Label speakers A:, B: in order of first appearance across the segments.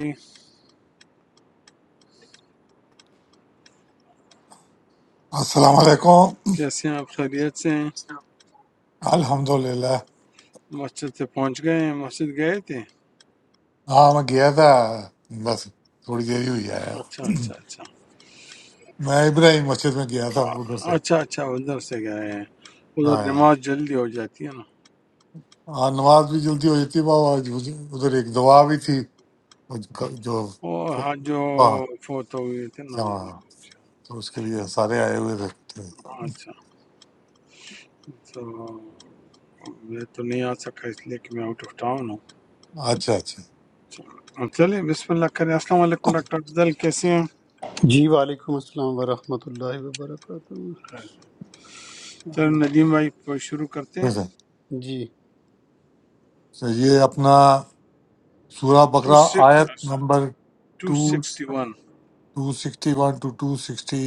A: جی،
B: السلام علیکم
A: کیسے ہیں آپ خیریت سے ہیں
B: الحمد للہ
A: مسجد سے پہنچ گئے ہیں مسجد گئے تھے
B: ہاں میں گیا تھا بس تھوڑی دیر ہی ہوئی آیا
A: اچھا اچھا اچھا
B: میں ابراہیم مسجد میں گیا تھا
A: آ-
B: ادھر سے
A: اچھا اچھا ادھر سے گئے ہیں ادھر
B: آیا
A: نماز جلدی ہو جاتی ہے نا
B: ہاں نماز بھی جلدی ہو جاتی بابا آج ادھر ایک دعا بھی تھی جو
A: وہ حج جو
B: وہاں
A: فوت ہو گئے تھے نا وہ بھی
B: ہاں، تو اس کے لیے سارے آئے ہوئے تھے اچھا
A: اچھا تو میں تو نہیں آ سکا اس لیے کہ میں آؤٹ آف ٹاؤن ہوں
B: اچھا ٹھیک
A: چلو، چلیں بسم اللہ کریں السلام علیکم ڈاکٹر افضل کیسے ہیں
C: جی وعلیکم السلام ورحمۃ اللہ وبرکاتہ
A: چلو
C: ہم-
A: ندیم بھائی شروع کرتے ہیں
B: ہے۔
C: جی
B: تو یہ اپنا سورہ
A: ٹو
B: بقرہ آیت
A: six
B: number
A: two
B: two
A: sixty
B: two
A: one
B: sixty one two two sixty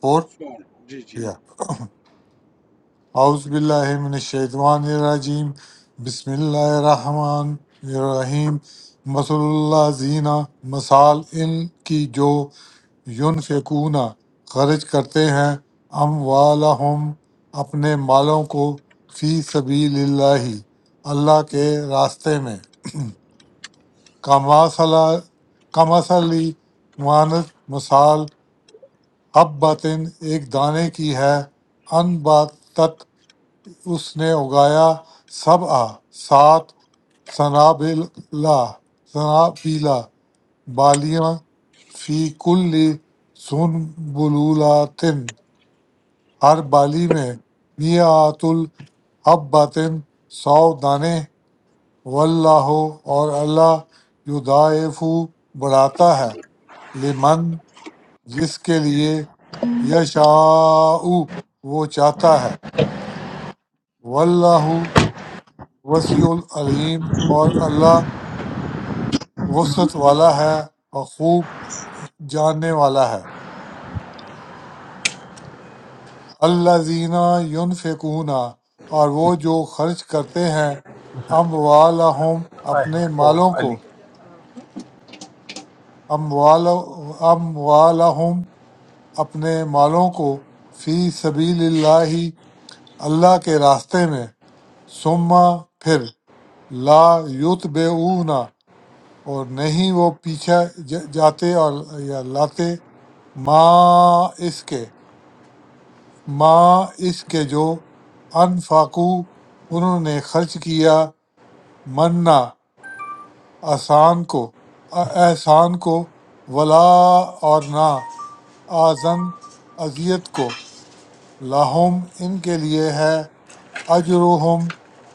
B: four
A: four جی جی
B: اعوذ باللہ من الشیطان الرجیم بسم اللہ الرحمن الرحیم مثل اللہ زینہ مثال ان کی جو یونفقون خرچ کرتے ہیں اموالہم اپنے مالوں کو فی سبیل اللہ اللہ کے راستے میں کماسلا کماسلی مانت مثال حب باطن ایک دانے کی ہے ان باتت اس نے اگایا سبع سات سنابلا سنابیلا بالیاں فی کل سنبلولاتن ہر بالی میں میعات الحبتن سو دانے واللہ اور اللہ یضاعف بڑھاتا ہے لمن جس کے لیے یشاء وہ چاہتا ہے واللہ وسیع العلیم اور اللہ وسعت والا ہے اور خوب جاننے والا ہے اللہ زینہ یون اور وہ جو خرچ کرتے ہیں ام اپنے مالوں کو ام اموالہم اپنے مالوں کو فی سبیل اللہ اللہ کے راستے میں ثم پھر لا یوت اور نہیں وہ پیچھا ج- جاتے اور یا لاتے ما اس کے ما اس کے جو انفاقو انہوں نے خرچ کیا منا آسان کو احسان کو ولا اور نہ آزن اذیت کو لاہم ان کے لیے ہے اجرہم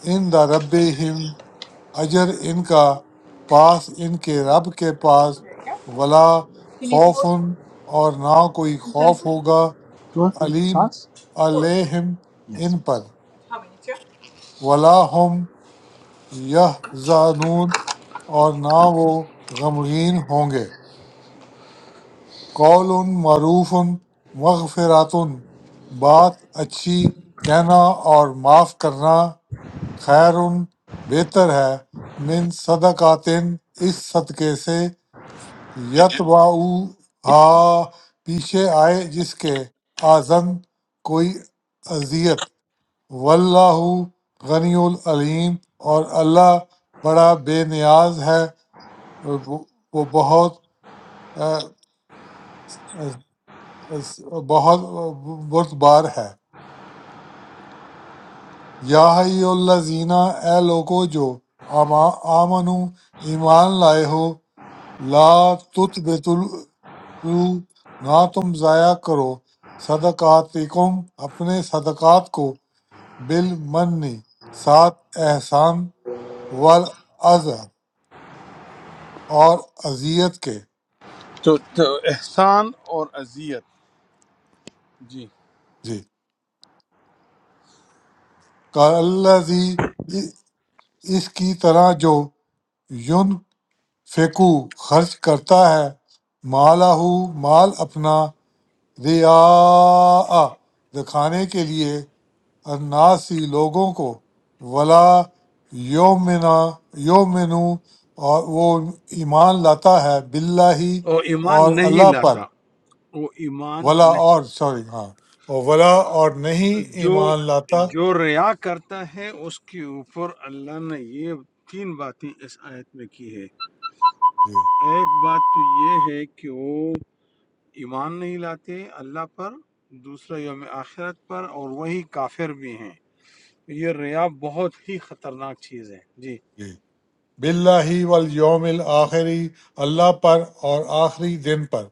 B: ان دا رب اجر ان کا پاس ان کے رب کے پاس ولا خوف اور نہ کوئی خوف ہوگا علیم علیہم ان پر ولا ہم یہ زانون اور نہ وہ غمگین ہوں گے قول معروف مغفرات بات اچھی کہنا اور معاف کرنا خیر بہتر ہے من صدقات اس صدقے سے یتبعو ہا پیچھے آئے جس کے آزن کوئی اذیت واللہ غنی العلیم اور اللہ بڑا بے نیاز ہے اور وہ وہ بہت اہ، اہ، بہت بردبار ہے یا الزینہ اے لوگو جو آما- آمنو ایمان لائے ہو لا تت بتلو نہ تم ضائع کرو صدقاتکم اپنے صدقات کو بالمن ساتھ احسان والعذر اور اذیت کے
A: تو, تو احسان اور اذیت جی
B: جی کالذی اس کی طرح جو یون فیکو خرچ کرتا ہے مالہ مال اپنا ریا دکھانے کے لیے الناسی لوگوں کو ولا یومنا یومنو اور وہ ایمان لاتا ہے باللہ
A: وہ ایمان
B: اور
A: نہیں
B: اللہ پر
A: لاتا وہ ایمان
B: ولا اور سوری ہاں اور ولا اور نہیں
A: نہیں جو
B: ایمان لاتا
A: جو ریا کرتا ہے اس کے اوپر اللہ نے یہ تین باتیں اس آیت میں کی ہے
B: جی
A: ایک بات تو یہ ہے کہ وہ ایمان نہیں لاتے اللہ پر دوسرا یوم آخرت پر اور وہی کافر بھی ہیں یہ ریا بہت ہی خطرناک چیز ہے جی
B: جی باللہ والیوم الآخری اللہ پر اور آخری دن پر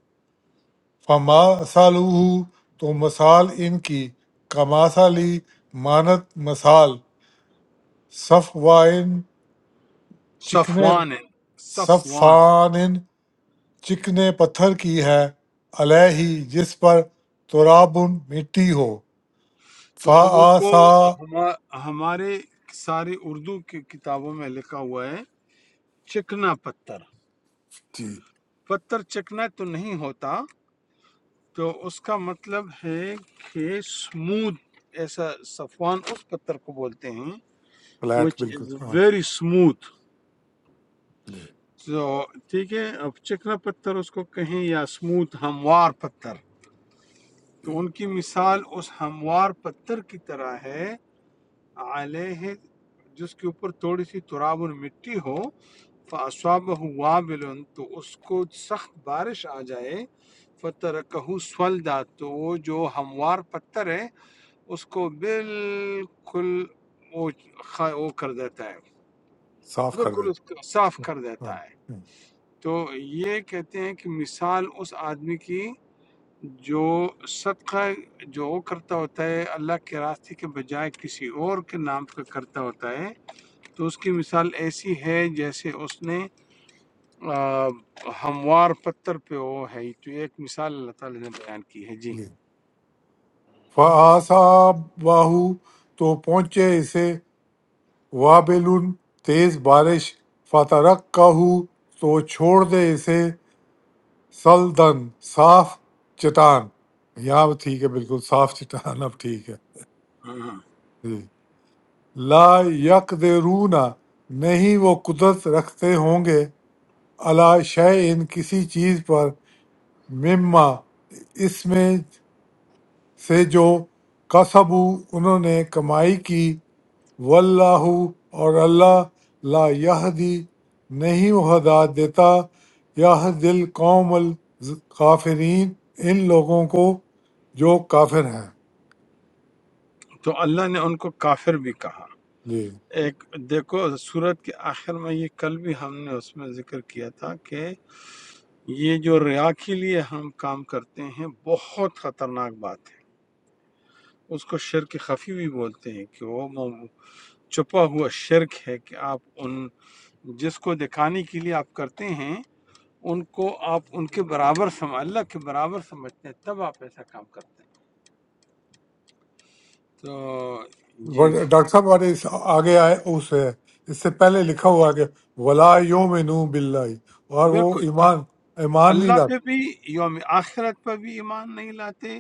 B: فما سالوہ تو مثال ان کی کماسالی مانت مثال صف وائن چکنے
A: صفوان ہے۔ صفوان
B: صفان چکنے پتھر کی ہے علیہی جس پر تراب مٹی ہو
A: تو اب اس کو
B: فآسا
A: ہما- ہمارے سارے اردو کی کتابوں میں لکھا ہوا ہے چکنا پتھر
B: جی
A: پتھر چکنا تو نہیں ہوتا تو اس کا مطلب ہے کہ سموتھ ایسا صفوان اس پتھر کو بولتے ہیں
B: فلیٹ
A: وچ
B: بالکل
A: از
B: ہاں
A: ویری سموتھ
B: جی
A: تو ٹھیک ہے اب چکنا پتھر اس کو کہیں یا سموتھ ہموار پتھر
B: جی
A: تو ان کی مثال اس ہموار پتھر کی طرح ہے علیہ جس کے اوپر تھوڑی سی تراب اور مٹی ہو فاصابہ وابل تو اس کو سخت بارش آ جائے فترکہ سولدا تو وہ جو ہموار پتھر ہے اس کو بالکل وہ خ- وہ کر دیتا ہے
B: صاف کر دیں
A: بالکل اس کو صاف کر
B: ہاں
A: دیتا ہے
B: ہوں،
A: تو یہ کہتے ہیں کہ مثال اس آدمی کی جو صدقہ جو وہ کرتا ہوتا ہے اللہ کے راستے کے بجائے کسی اور کے نام کا کرتا ہوتا ہے تو اس کی مثال ایسی ہے جیسے اس نے آ، ہموار پتھر پہ وہ ہے تو ایک مثال اللہ تعالیٰ نے بیان کی ہے جی
B: جی فآسا باہو تو پہنچے اسے وابل تیز بارش فترک تو چھوڑ دے اسے سلدن صاف چٹان یہاں بھی ٹھیک ہے بالکل صاف چٹان اب ٹھیک ہے جی۔ لا یقدرون نہیں وہ قدرت رکھتے ہوں گے علی شیء کسی چیز پر مما اس میں سے جو کسبو انہوں نے کمائی کی واللہ اور اللہ لا یہدی نہیں وہ ہدایت دیتا یہ دل قوم الکافرین ان لوگوں کو جو کافر ہیں
A: تو اللہ نے ان کو کافر بھی کہا
B: جی
A: ایک دیکھو سورت کے آخر میں یہ کل بھی ہم نے اس میں ذکر کیا تھا کہ یہ جو ریا کے لیے ہم کام کرتے ہیں بہت خطرناک بات ہے اس کو شرک خفی بھی بولتے ہیں کہ وہ مو- چھپا ہوا شرک ہے کہ آپ ان جس کو دکھانے کے لیے آپ کرتے ہیں ان کو آپ ان کے برابر سم اللہ کے برابر سمجھتے ہیں تب آپ ایسا کام کرتے ہیں تو جی
B: ورڈ- ڈاکٹر صاحب اور اس آگے آئے اس ہے اس سے پہلے لکھا ہوا ہے کہ ولا یوم نو باللہ، اور وہ
A: بالکل
B: ایمان ایمان نہیں
A: اللہ پہ
B: لاتے
A: بھی یوم آخرت پہ بھی ایمان نہیں لاتے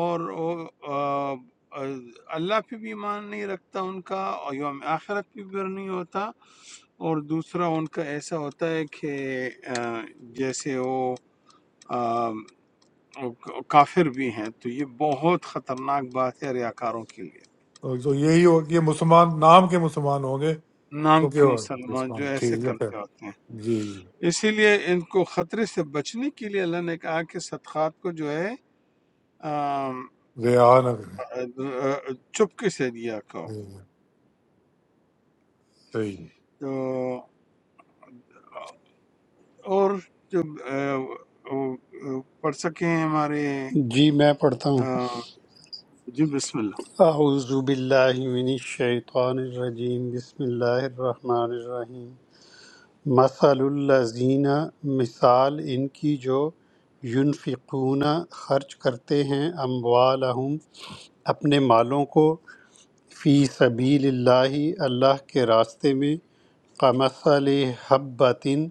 A: اور وہ، آ، آ، اللہ پہ بھی ایمان نہیں رکھتا ان کا اور یوم آخرت پہ بھی نہیں ہوتا اور دوسرا ان کا ایسا ہوتا ہے کہ آ، جیسے وہ آ، کافر بھی ہیں تو یہ بہت خطرناک بات ہے ریاکاروں کے لیے
B: تو یہی ہو یہ مسلمان نام کے مسلمان ہوں گے
A: نام
B: کیونکہ
A: کیوں سلمان جو
B: وہ-
A: ایسے
B: ٹھیک ہے خیر۔
A: کرتے ہوتے ہیں
B: جی جی
A: اسی لیے ان کو خطرے سے بچنے کے لیے اللہ نے کہا کہ صدقات کو جو ہے آم،
B: ریحان اگر ہے۔
A: چپکے سے دیا کرو
B: جی، جی، صحیح
A: تو اور جو آ، آ، آ، پڑھ سکے ہیں ہمارے
C: جی میں پڑھتا
A: آ،
C: ہوں
A: جی بسم اللہ
C: اعوذ باللہ من الشیطان الرجیم بسم اللہ الرحمن الرحیم مثل الذین مثال ان کی جو ينفقون خرچ کرتے ہیں اموالہم اپنے مالوں کو فی سبیل اللہ اللہ کے راستے میں کمثل حبتن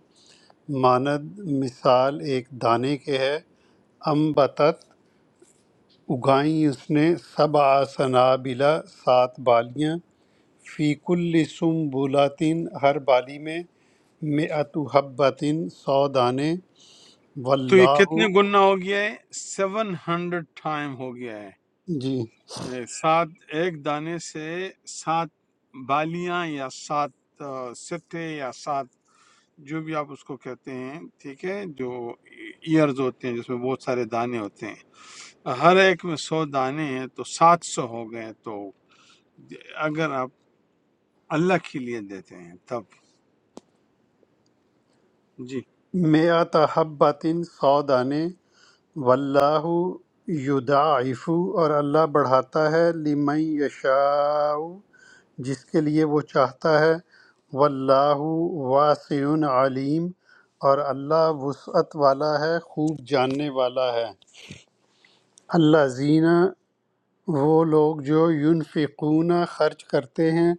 C: ماند مثال ایک دانے کے ہے امبتت اگائیں اس نے سبع سنابلا سات بالیاں فی کل سنبلاتن ہر بالی میں مئت حبتن سو دانے
A: تو یہ
C: واللہ
A: کتنے گنا ہو گیا ہے سیون ہنڈریڈ ٹائم ہو گیا ہے
C: جی
A: اے، سات ایک دانے سے سات بالیاں یا سات آ، سٹے یا سات جو بھی آپ اس کو کہتے ہیں ٹھیک ہے جو ایئرز ہوتے ہیں جس میں بہت سارے دانے ہوتے ہیں ہر ایک میں سو دانے ہیں تو سات سو ہو گئے تو اگر آپ اللہ کے لیے دیتے ہیں تب جی
C: مئت حبتن سو دانے واللہ یضاعف اور اللہ بڑھاتا ہے لمن یشاء جس کے لیے وہ چاہتا ہے واللہ واسع علیم اور اللہ وسعت والا ہے خوب جاننے والا ہے اللہ زینہ وہ لوگ جو ینفقون خرچ کرتے ہیں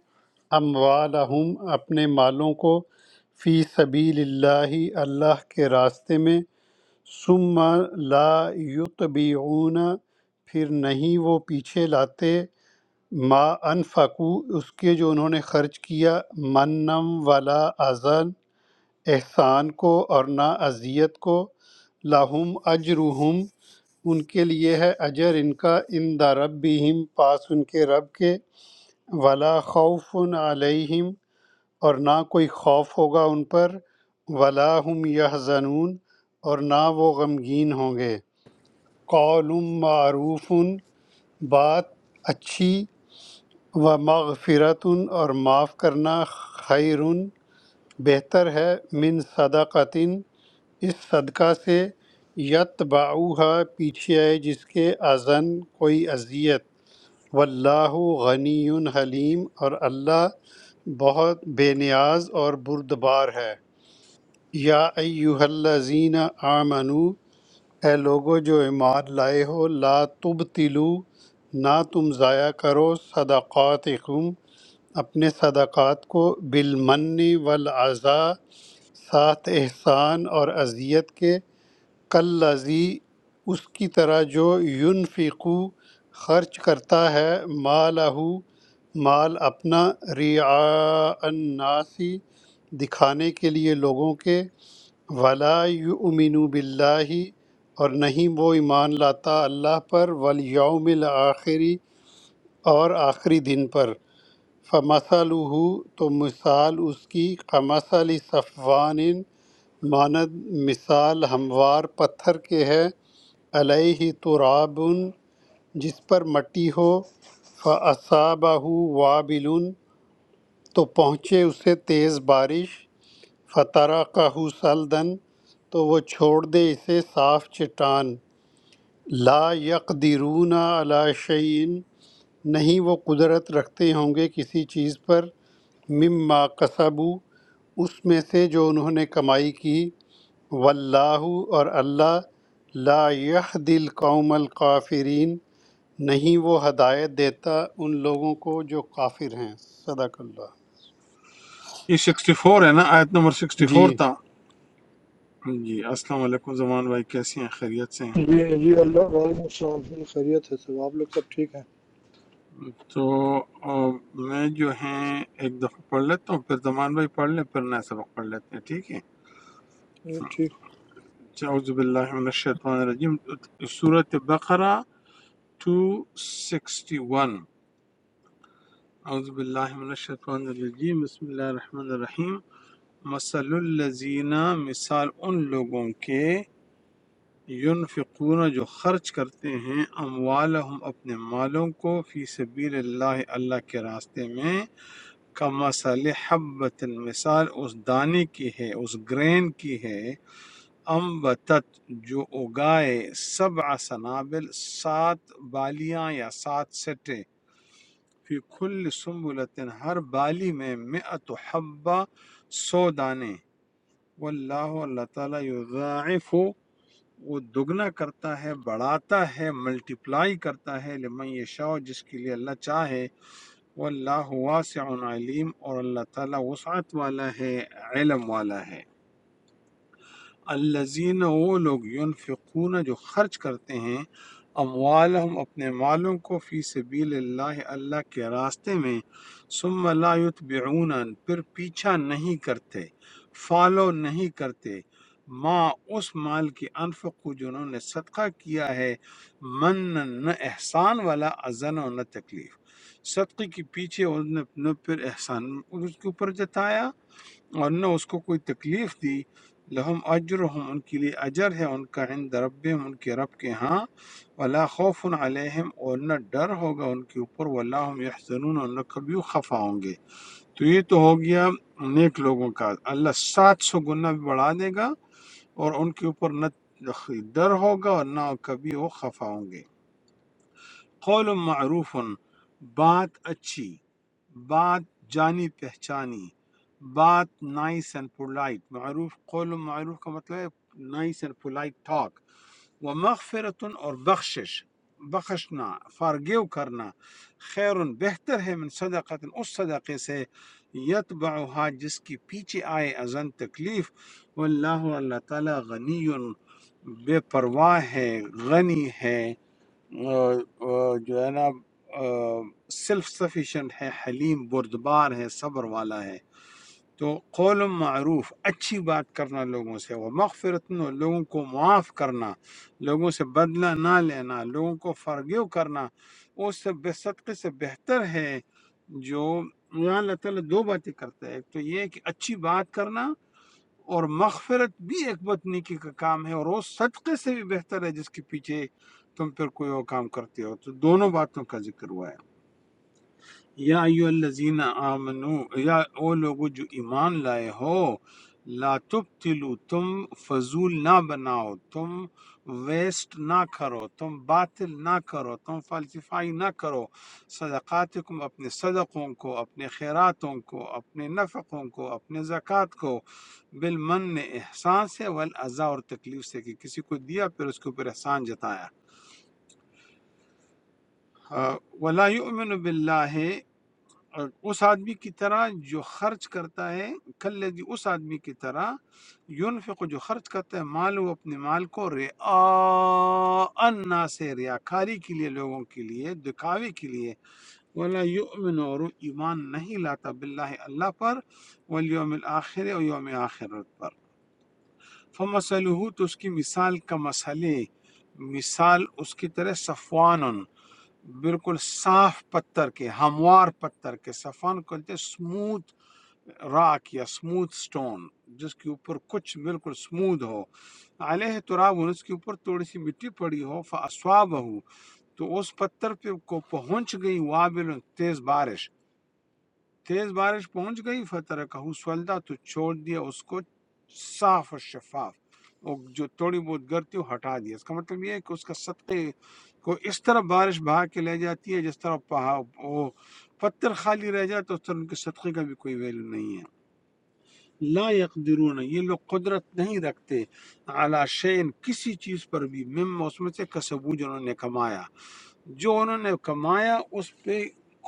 C: اموالہم اپنے مالوں کو فی سبیل اللہ اللہ کے راستے میں ثم لا یتبعون پھر نہیں وہ پیچھے لاتے ما انفقو اس کے جو انہوں نے خرچ کیا منم ولا اذن احسان کو اور نہ اذیت کو لاہم اجرہم ان کے لیے ہے اجر ان کا ان دا ربہم پاس ان کے رب کے ولا خوف علیہم اور نہ کوئی خوف ہوگا ان پر ولا ہم یحزنون اور نہ وہ غمگین ہوں گے قول معروف بات اچھی و مغفرت اور معاف کرنا خیر بہتر ہے من صدقۃ اس صدقہ سے یتبعوہا پیچھے ہے جس کے ازن کوئی اذیت واللہ غنی حلیم اور اللہ بہت بے نیاز اور بردبار ہے یا ایوہ الذین آمنو اے لوگو جو ایمان لائے ہو لا تبتلو نہ تم ضائع کرو صدقاتکم اپنے صدقات کو بالمن والعزا ساتھ احسان اور اذیت کے کلذی اس کی طرح جو ينفقو خرچ کرتا ہے مالہ مال اپنا ریعاء الناس دکھانے کے لیے لوگوں کے ولا یؤمنو باللہ اور نہیں وہ ایمان لاتا اللہ پر والیوم الآخری اور آخری دن پر فمثلہ تو مثال اس کی کمثل صفوان ماند مثال ہموار پتھر کے ہے علیہ تراب جس پر مٹی ہو فاصابہ وابل تو پہنچے اسے تیز بارش فترکہ سلدن تو وہ چھوڑ دے اسے صاف چٹان لا یقدرون علی شیئن نہیں وہ قدرت رکھتے ہوں گے کسی چیز پر مما کسبو اس میں سے جو انہوں نے کمائی کی واللہ اور اللہ لا یہدی القوم الکافرین نہیں وہ ہدایت دیتا ان لوگوں کو جو کافر ہیں صدق اللہ
A: یہ سکسٹی فور ہے نا آیت نمبر سکسٹی
C: جی
A: فور تھا جی السلام علیکم زمان بھائی کیسے ہیں خیریت سے ہیں
D: جی جی اللہ وعلیکم السلام جی، خیریت ہے سب آپ لوگ سب ٹھیک ہیں
A: تو آ، میں جو ہیں ایک دفعہ پڑھ لیتا ہوں پھر زمان بھائی پڑھ لیں پھر نیا سبق پڑھ لیتے ہیں ٹھیک ہے
D: جی ٹھیک
A: اعوذ باللہ من الشیطان الرجیم سورۃ بقرہ 261 اعوذ باللہ من الشیطان الرجیم بسم اللہ الرحمن الرحیم مثل الذین مثال ان لوگوں کے ینفقون جو خرچ کرتے ہیں اموالہم اپنے مالوں کو فی سبیل اللہ اللہ کے راستے میں کمثل حبت مثال اس دانے کی ہے اس گرین کی ہے امبتت جو اگائے سبع سنابل سات بالیاں یا سات سٹے فی کل سنبلۃ ہر بالی میں مئت حبہ سو دانے واللہ اللہ تعالیٰ یضاعف وہ دگنا کرتا ہے بڑھاتا ہے ملٹیپلائی کرتا ہے لمن یشاء جس کے لیے اللہ چاہے واللہ واسع علیم اور اللہ تعالیٰ وسعت والا ہے علم والا ہے الزین وہ لوگ ینفقون جو خرچ کرتے ہیں اموالہم اپنے مالوں کو فی سبیل اللہ اللہ کے راستے میں ثم لا یتبعون پھر پیچھا نہیں کرتے فالو نہیں کرتے ما اس مال کی انفقو جنہوں نے صدقہ کیا ہے من نہ احسان والا ازن و نہ تکلیف صدقے کے پیچھے انہوں نے اپنا پھر احسان اس کے اوپر جتایا اور نہ اس کو کوئی تکلیف دی لہم اجرہم ان کے لیے اجر ہے ان کا عند ربہم ان کے رب کے ہاں ولا خوف علیہم اور نہ ڈر ہوگا ان کے اوپر ولا ہم یحزنون اور نہ کبھی خفا ہوں گے تو یہ تو ہو گیا نیک لوگوں کا اللہ سات سو گنا بھی بڑھا دے گا اور ان کے اوپر نہ ڈر ہوگا اور نہ کبھی وہ خفا ہوں گے قول معروف بات اچھی بات جانی پہچانی بات نائس اینڈ پولائٹ معروف قول معروف کا مطلب ہے نائس اینڈ پولائٹ ٹاک وہ مغفرت اور بخشش بخشنا فارگیو کرنا خیر بہتر ہے من صدقت اس صدقے سے یتبعها جس کی پیچھے آئے ازن تکلیف واللہ اور اللہ تعالی غنی بے پرواہ ہے غنی ہے آہ، آہ، جو ہے نا سیلف سفیشینٹ ہے حلیم بردبار ہے صبر والا ہے تو قول معروف اچھی بات کرنا لوگوں سے وہ مغفرت لوگوں کو معاف کرنا لوگوں سے بدلہ نہ لینا لوگوں کو فرگیو کرنا اس سے بے صدقے سے بہتر ہے جو یہاں اللہ تعالیٰ دو باتیں کرتا ہے ایک تو یہ کہ اچھی بات کرنا اور مغفرت بھی ایک بد نیکی کا کام ہے اور وہ صدقے سے بھی بہتر ہے جس کے پیچھے تم پھر کوئی اور کام کرتے ہو تو دونوں باتوں کا ذکر ہوا ہے یا ایو الذین آمنو یا او لوگو جو ایمان لائے ہو لا تبتلو تم فضول نہ بناؤ تم ویسٹ نہ کرو تم باطل نہ کرو تم فلسفائی نہ کرو صدقاتکم اپنے صدقوں کو اپنے خیراتوں کو اپنے نفقوں کو اپنے زکوٰۃ کو بالمن احسان سے والاذا اور تکلیف سے کہ کسی کو دیا پھر اس کے اوپر احسان جتایا آ، ولا یؤمن باللہ اور اس آدمی کی طرح جو خرچ کرتا ہے کل جی اس آدمی کی طرح یونفق جو خرچ کرتا ہے مال وہ اپنے مال کو رعا الناس سے ریاکاری کے لیے لوگوں کے لیے دکھاوے کے لیے ولا یؤمن اور وہ ایمان نہیں لاتا باللہ اللہ پر والیوم الاخر اور یوم آخرت پر فمثلہ تو اس کی مثال کا مسئلے مثال اس کی طرح صفوان بالکل صاف پتھر کے ہموار پتھر کے سفان کو کہتے ہیں سموتھ راک یا سموتھ سٹون جس کے اوپر کچھ بالکل سموتھ ہو علیہ تراب اس کے اوپر تھوڑی سی مٹی پڑی ہو فاسواب ہو تو اس پتھر پہ کو پہنچ گئی وابل تیز بارش تیز بارش پہنچ گئی فتح کہوں سولدا تو چھوڑ دیا اس کو صاف اور شفاف وہ جو تھوڑی بہت گرتی وہ ہٹا دیا اس کا مطلب یہ ہے کہ اس کا سطح کو اس طرح بارش بہا کے لے جاتی ہے جس طرح پہا وہ پتھر خالی رہ جاتا ہے، اس طرح ان کے صدقے کا بھی کوئی ویلو نہیں ہے لا یقدرون یہ لوگ قدرت نہیں رکھتے اعلیٰ شین کسی چیز پر بھی مم اس میں سے کسبو جو انہوں نے کمایا جو انہوں نے کمایا اس پہ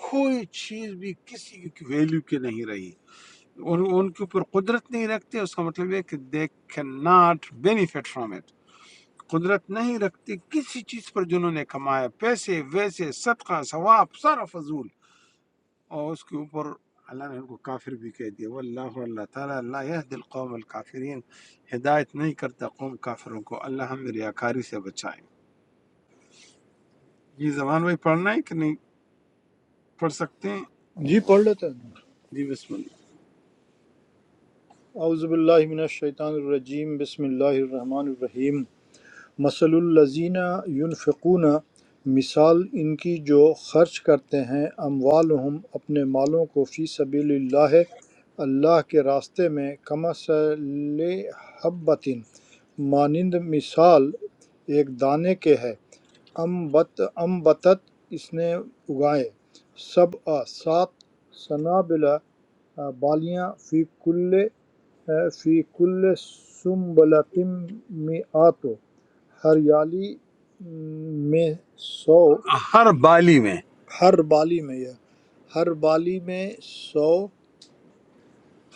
A: کوئی چیز بھی کسی کی ویلیو کی نہیں رہی ان, ان کے اوپر قدرت نہیں رکھتے اس کا مطلب یہ ہے کہ they can not benefit from it قدرت نہیں رکھتے کسی چیز پر جنہوں نے کمایا پیسے ویسے صدقہ ثواب سارا فضول اور اس کے اوپر اللہ نے ان کو کافر بھی کہہ دیا واللہ اللہ تعالیٰ لا يهدي القوم الكافرين ہدایت نہیں کرتا قوم کافروں کو اللہ ہمیں ریاکاری سے بچائے یہ زبان بھائی پڑھنا ہے کہ نہیں پڑھ سکتے ہیں
D: جی پڑھ لیتے ہیں
A: جی بسم
D: اعوذ باللہ من الشیطان الرجیم بسم اللہ الرحمن الرحیم مثل الذین ينفقون مثال ان کی جو خرچ کرتے ہیں اموالہم اپنے مالوں کو فی سبیل اللہ ہے، اللہ کے راستے میں کمثل حبتن مانند مثال ایک دانے کے ہے امبت امبتت اس نے اگائے سب سات سنابلہ آ، بالیاں فی کل آ، فی کل سنبلتم آتو ہر یالی م، میں سو
A: اللہ ہر بالی میں
D: ہر بالی میں یہ ہر بالی میں سو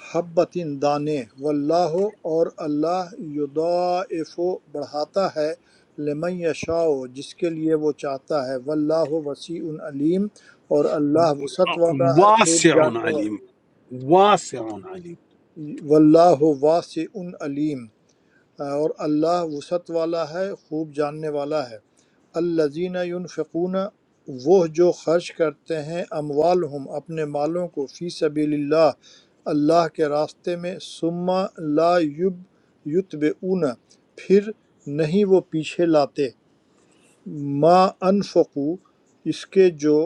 D: حبۃ دانے واللہ اور اللہ یضاعف بڑھاتا ہے لمن یشاء جس کے لیے وہ چاہتا ہے واللہ وسیع علیم اور اللہ وسعت والا ہے خوب
A: واسع
D: جاننے والا
A: علیم واسع علیم
D: واللہ واسع علیم اور اللہ وسعت والا ہے خوب جاننے والا ہے الذین ینفقون وہ جو خرچ کرتے ہیں اموالہم اپنے مالوں کو فی سبیل اللہ اللہ کے راستے میں ثم لا یب یتبعون پھر نہیں وہ پیچھے لاتے ما انفقو اس کے جو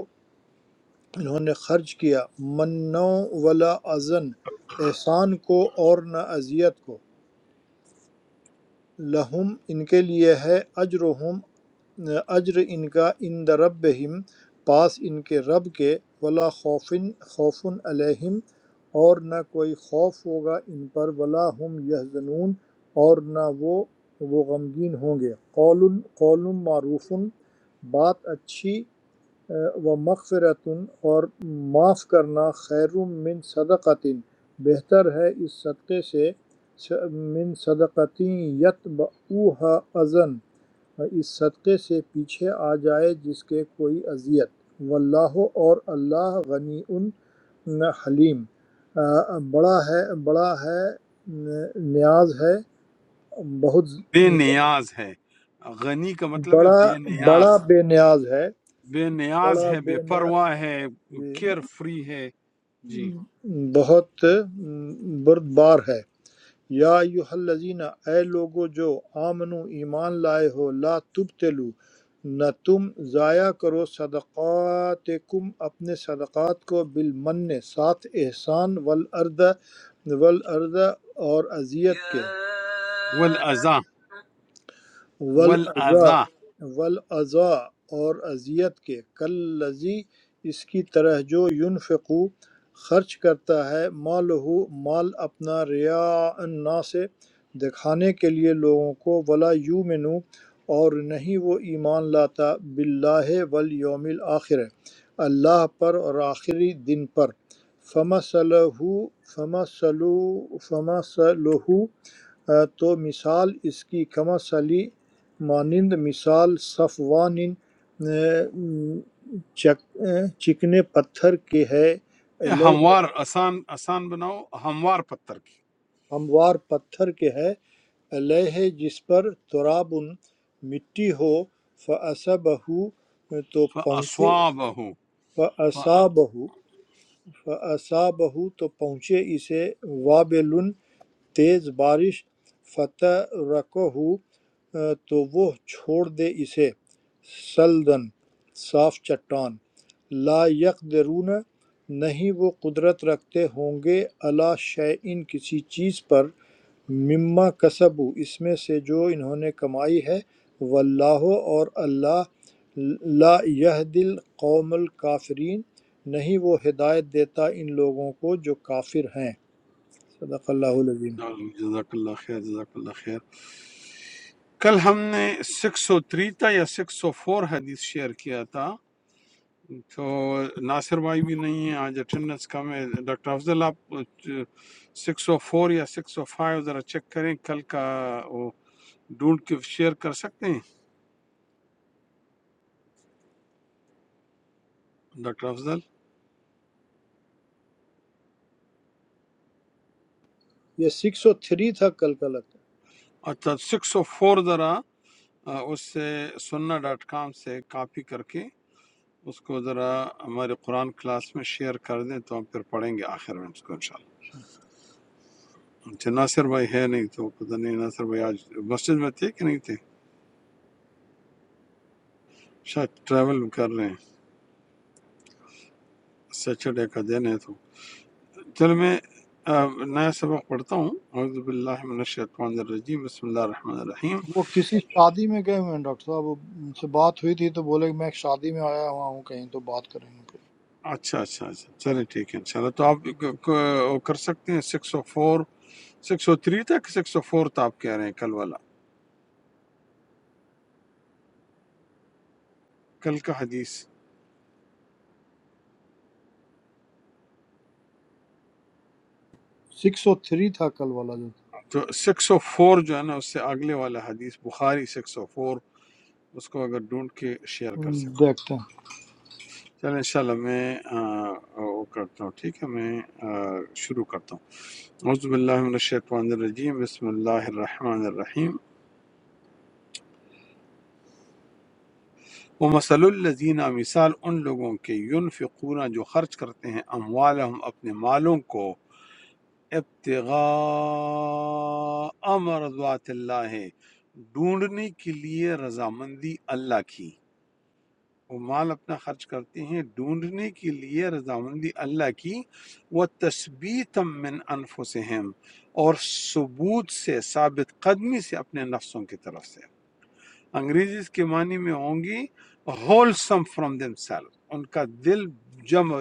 D: انہوں نے خرچ کیا منوں ولا ازن احسان کو اور نہ اذیت کو لَهُمْ ان کے لیے ہے اجرہم اجر ان کا عند ربہم پاس ان کے رب کے ولا خوفن خوف علیہم اور نہ کوئی خوف ہوگا ان پر ولا ہم یحزنون اور نہ وہ وہ غمگین ہوں گے قول قول معروف بات اچھی و مغفرتن اور معاف کرنا خیر من صدقتن بہتر ہے اس صدقے سے من صدقتی یتبعوہا ازن اس صدقے سے پیچھے آ جائے جس کے کوئی اذیت واللہ اور اللہ غنی ان حلیم آ، بڑا ہے بڑا ہے نیاز ہے بہت
A: بے نیاز ہے غنی کا مطلب ہے
D: بڑا
A: بے
D: بڑا
A: نیاز
D: بے نیاز ہے
A: بے نیاز
D: بڑا
A: ہے بے
D: بے نیاز
A: پرواہ ہے
D: جی۔
A: کیئر فری ہے جی
D: بہت بردبار ہے یا ایہا الذین اے لوگو جو آمنو ایمان لائے ہو لا تبتلو نہ تم ضائع کرو صدقاتکم اپنے صدقات کو بالمن ساتھ احسان والارض والارض اور اذیت کے
A: والاذا
D: والاذا
A: والاذا
D: والاذا اور اذیت کے کلذی اس کی طرح جو ينفقو خرچ کرتا ہے مالہ مال اپنا ریا الناس سے دکھانے کے لیے لوگوں کو ولا یومنو اور نہیں وہ ایمان لاتا باللہ والیوم الآخر اللہ پر اور آخری دن پر فمثلہ فمثلو فمثلہ تو مثال اس کی کما سلی مانند مثال صفوان چک- چکنے پتھر کے ہے
A: یہ
D: علیہ
A: ہموار آسان آسان بناؤ ہموار پتھر کی
D: ہموار پتھر کے ہے علیہ جس پر تراب مٹی ہو فَأَصَبَهُ تو پہنچے
A: فاصوابہ ف...
D: فَأَصَابَهُ فَأَصَابَهُ تو پہنچے اسے وابل تیز بارش فترکہ ہو تو وہ چھوڑ دے اسے سلدھن صاف چٹان لا یقدرون نہیں وہ قدرت رکھتے ہوں گے علی شیئن کسی چیز پر مما کسبو اس میں سے جو انہوں نے کمائی ہے واللہ اور اللہ لا یہد القوم الکافرین نہیں وہ ہدایت دیتا ان لوگوں کو جو کافر ہیں صدق اللہ العظیم
A: جزاک اللہ خیر جزاک اللہ خیر کل ہم نے سکس سو تھری تھا یا سکس سو فور حدیث شیئر کیا تھا تو ناصر بھائی بھی نہیں ہیں آج اٹینڈنس کم ہے ڈاکٹر افضل آپ سکس او فور یا سکس او فائیو ذرا چیک کریں کل کا وہ ڈھونڈ کے شیئر کر سکتے ہیں ڈاکٹر افضل
D: یہ سکس او تھری تھا کل کا لگتا
A: اچھا سکس او فور ذرا آ، اس سے سننا ڈاٹ کام سے کاپی کر کے اس کو ذرا ہمارے قرآن کلاس میں شیئر کر دیں تو ہم پھر پڑھیں گے آخر میں اس کو انشاءاللہ اچھا ناصر بھائی ہے نہیں تو پتہ نہیں ناصر بھائی آج مسجد میں تھے کہ نہیں تھے شاید ٹریول کر رہے ہیں سیچرڈے کا دن ہے تو چلو میں آ، نیا سبق پڑھتا ہوں اعوذ باللہ من الشیطان الرجیم بسم اللہ الرحمن الرحیم
D: ہے وہ کسی شادی میں گئے ہوئے ہیں ڈاکٹر صاحب وہ ان سے بات ہوئی تھی تو بولے کہ میں ایک شادی میں آیا ہوا ہوں کہیں تو بات کریں گے
A: اچھا اچھا اچھا چلیں ٹھیک ہے انشاءاللہ تو آپ ک- ک- وہ کر سکتے ہیں six O four six O three تک سکس او فور تو آپ کہہ رہے ہیں کل والا کل کا حدیث
D: سکس او تھری تھا کل والا جو
A: تو سکس او فور جو ہے نا اس سے اگلے والا حدیث بخاری سکس او فور اس کو اگر ڈھونڈ کے شیئر کر سکتے ہیں
D: دیکھتے ہیں
A: چلیں انشاءاللہ میں آ، وہ کرتا ہوں ٹھیک ہے میں آ، شروع کرتا ہوں اعوذ باللہ من الشیطان الرجیم بسم اللہ الرحمن الرحیم ومثل الذین مثال ان لوگوں کے ینفقون جو خرچ کرتے ہیں اموالہم اپنے مالوں کو ابتغاء مرضات اللہ ڈھونڈنے کے لیے رضامندی اللہ کی وہ مال اپنا خرچ کرتے ہیں ڈھونڈنے کے لیے رضامندی اللہ کی وہ تثبیت من انفسہم اور ثبوت سے ثابت قدمی سے اپنے نفسوں کی طرف سے انگریزی اس کے معنی میں ہوں گی ہولسم فرام دم ان کا دل جمع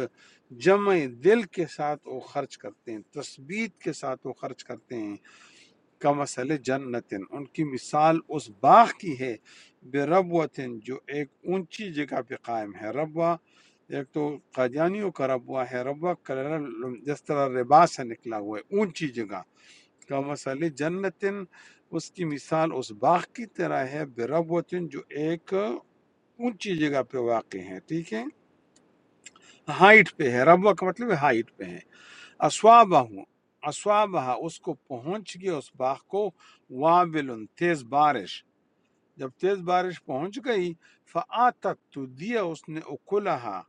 A: جمع دل کے ساتھ وہ خرچ کرتے ہیں تثبیت کے ساتھ وہ خرچ کرتے ہیں کا مسئلہ جنتن ان کی مثال اس باغ کی ہے بے ربوتن جو ایک اونچی جگہ پہ قائم ہے ربوہ ایک تو قادیانیوں کا ربوہ ہے ربوہ کلرل جس طرح ربا سے نکلا ہوا ہے اونچی جگہ کا مسئلہ جنتن اس کی مثال اس باغ کی طرح ہے بربوتن جو ایک اونچی جگہ پہ واقع ہے ٹھیک ہے ہائٹ پہ ہے ربوہ کا مطلب ہے ہائٹ پہ ہے اسوابہ اسوابہ اس کو پہنچ گیا اس باغ کو وابل تیز بارش جب تیز بارش پہنچ گئی فآتت تو دیا اس نے اکلہا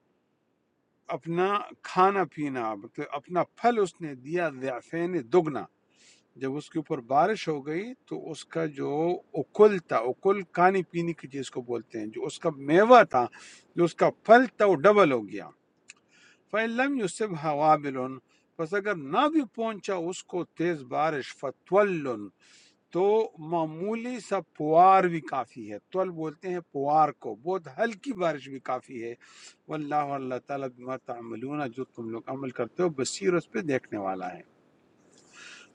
A: اپنا کھانا پینا مطلب اپنا پھل اس نے دیا ضعفین دگنا جب اس کے اوپر بارش ہو گئی تو اس کا جو اکل تھا اکل کھانے پینے کی چیز کو بولتے ہیں جو اس کا میوہ تھا جو اس کا پھل تھا وہ ڈبل ہو گیا فَإِلَّمْ يُصِبْهَا وَابِلٌ پس اگر نہ بھی پہنچا اس کو تیز بارش فَتْوَلٌ تو معمولی سا پوار بھی کافی ہے تول بولتے ہیں پوار کو بہت ہلکی بارش بھی کافی ہے واللہ اللہ تعالیٰ بما تعملون جو تم لوگ عمل کرتے ہو بصیر اس پہ دیکھنے والا ہے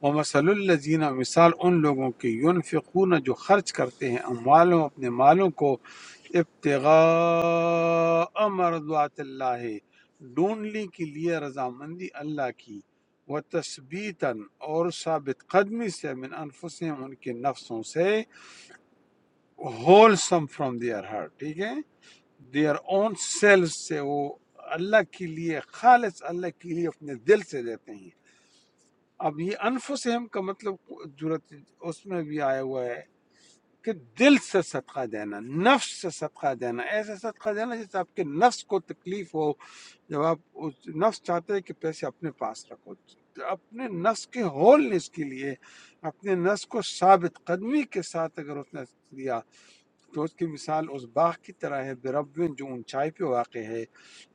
A: وَمَثَلُ الَّذِينَ مثال ان لوگوں کی ينفقون جو خرچ کرتے ہیں اموالوں اپنے مالوں کو ابتغاء مرضات اللہ ڈونلی کے لیے رضامندی اللہ کی و اور ثابت قدمی سے من انفسهم ان کے نفسوں سے wholesome from their heart ٹھیک ہے دیئر اون سیلف سے وہ اللہ کے لیے خالص اللہ کے لیے اپنے دل سے دیتے ہیں اب یہ انفسہم کا مطلب جرت اس میں بھی آیا ہوا ہے کہ دل سے صدقہ دینا نفس سے صدقہ دینا ایسا صدقہ دینا جس سے آپ کے نفس کو تکلیف ہو جب آپ اس- نفس چاہتے ہیں کہ پیسے اپنے پاس رکھو اپنے نفس کے ہولنس کے لیے اپنے نفس کو ثابت قدمی کے ساتھ اگر اس نے دیا تو اس کی مثال اس باغ کی طرح ہے بربن جو اونچائی پہ واقع ہے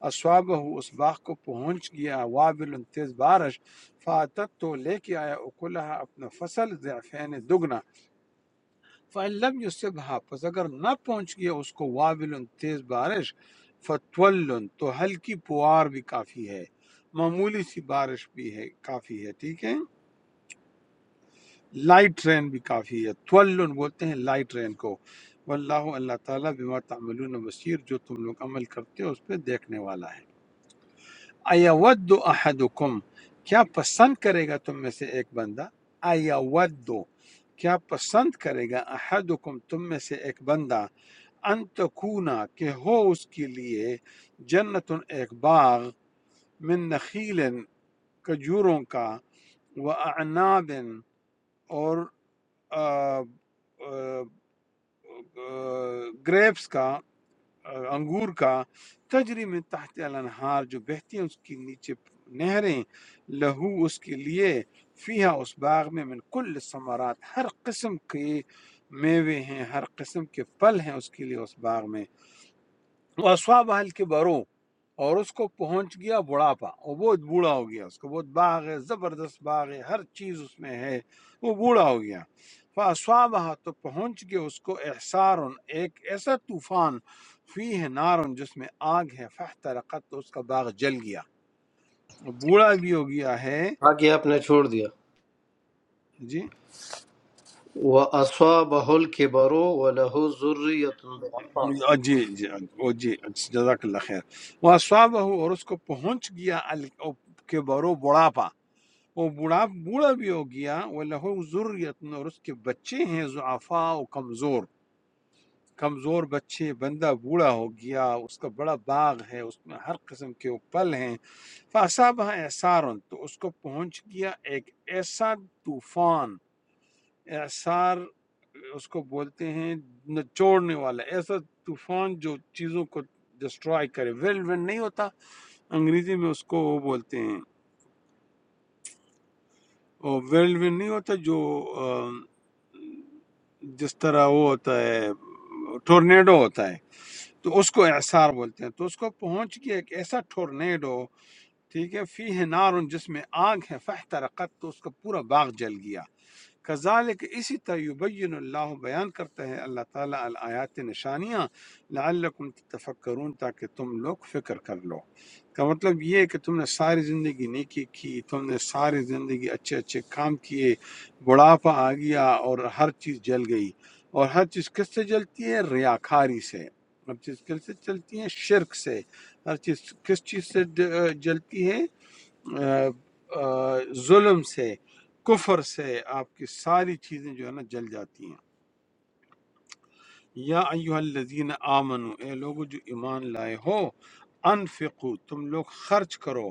A: اسوابہ اس باغ کو پہنچ گیا وابل تیز بارش فاتت تو لے کے آیا اکلہ اپنا فصل ضعفین دگنا فعلم یصبہ پس اگر نہ پہنچ گیا اس کو وابل تیز بارش فتول تو ہلکی پوار بھی کافی ہے معمولی سی بارش بھی ہے کافی ہے ٹھیک ہے لائٹ ٹرین بھی کافی ہے تولن بولتے ہیں لائٹ ٹرین کو واللہ اللہ تعالیٰ بما تعملون بصیر جو تم لوگ عمل کرتے ہو اس پہ دیکھنے والا ہے ایود احدکم کیا پسند کرے گا تم میں سے ایک بندہ ایود کیا پسند کرے گا احدکم تم میں سے ایک بندہ ان تکونا کہ ہو اس کے لیے جنت ایک باغ من نخیل کجوروں کا و اعناب اور گریپس کا آ، انگور کا تجری من تحت الانہار جو بہتی ہیں اس کے نیچے نہریں لہو اس کے لیے فیہا اس باغ میں من کل ثمرات ہر قسم کے میوے ہیں ہر قسم کے پھل ہیں اس کے لیے اس باغ میں وسواب حل کے برو اور اس کو پہنچ گیا بڑھاپا وہ بہت بوڑھا ہو گیا اس کو بہت باغ ہے زبردست باغ ہے ہر چیز اس میں ہے وہ بوڑھا ہو گیا فاسوابہ تو پہنچ گیا اس کو احسار ایک ایسا طوفان فی ہے نار جس میں آگ ہے فاحترقت تو اس کا باغ جل گیا وہ بوڑھا بھی ہو گیا ہے
E: हाँ आपने छोड़ दिया
A: جی
E: व असवा बहुल के बरो व लहू
A: آ، جی جی آ، او جی جزاک اللہ خیر وہ اور اس کو پہنچ گیا ال- او- کے برو بڑھاپا وہ بوڑھا بوڑھا بھی ہو گیا وہ لہو ضروریت اور اس کے بچے ہیں ضعفاء و کمزور کمزور بچے بندہ بوڑھا ہو گیا اس کا بڑا باغ ہے اس میں ہر قسم کے وہ پل ہیں فاصابہ احسار تو اس کو پہنچ گیا ایک ایسا طوفان احسار اس کو بولتے ہیں نچوڑنے والا ایسا طوفان جو چیزوں کو ڈسٹرائے کرے ویل ون نہیں ہوتا انگریزی میں اس کو وہ بولتے ہیں وہ ویل ون نہیں ہوتا جو آم، جس طرح وہ ہوتا ہے ٹورنیڈو ہوتا ہے تو اس کو اعصار بولتے ہیں تو اس کو پہنچ گیا ایک ایسا ٹورنیڈو ٹھیک ہے فی ہے نار جس میں آگ ہے فاحترقت تو اس کا پورا باغ جل گیا کذالک اسی طرح یبین اللہ بیان کرتا ہے اللہ تعالیٰ الآیات نشانیاں لعلکم تتفکرون تاکہ تم لوگ فکر کر لو کا مطلب یہ ہے کہ تم نے ساری زندگی نیکی کی تم نے ساری زندگی اچھے اچھے کام کیے بڑھاپا آ گیا اور ہر چیز جل گئی اور ہر چیز کس سے جلتی ہے ریاکاری سے ہر چیز کس سے چلتی ہے شرک سے ہر چیز کس چیز سے ڈ- جلتی ہے آ، آ، ظلم سے کفر سے آپ کی ساری چیزیں جو ہے نا جل جاتی ہیں یا ایوہ الذین آمنو اے لوگو جو ایمان لائے ہو انفقو تم لوگ خرچ کرو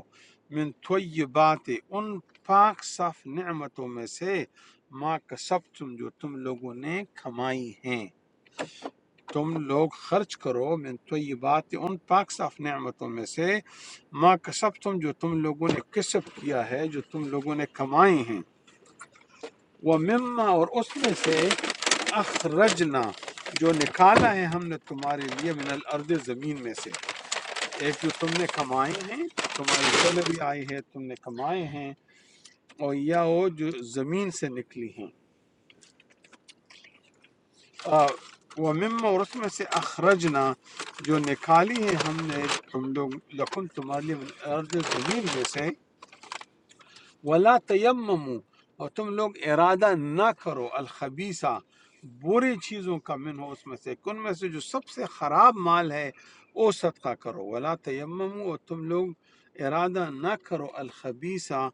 A: من طیبات ان پاک صاف نعمتوں میں سے ما کسبتم جو تم لوگوں نے کھمائی ہیں تم لوگ خرچ کرو من طیبات ان پاک صاف نعمتوں میں سے ما کسب تم جو تم لوگوں نے کسب کیا ہے جو تم لوگوں نے کمائے ہیں وہ مما اور اس میں سے اخرجنا جو نکالا ہے ہم نے تمہارے لیے من الارض زمین میں سے ایک جو تم نے کمائے ہیں تمہاری سیلری آئی ہے تم نے کمائے ہیں اور یا وہ جو زمین سے نکلی ہیں ومما اور اس میں سے اخرجنا جو نکالی ہے ہم نے تم لوگ لکم تمہارے لیے من الارض زمین میں سے ولا تیممو اور تم لوگ ارادہ نہ کرو الخبیثہ بری چیزوں کا من ہو اس میں سے کن میں سے جو سب سے خراب مال ہے وہ صدقہ کرو ولا تیممو اور تم لوگ ارادہ نہ کرو الخبیثہ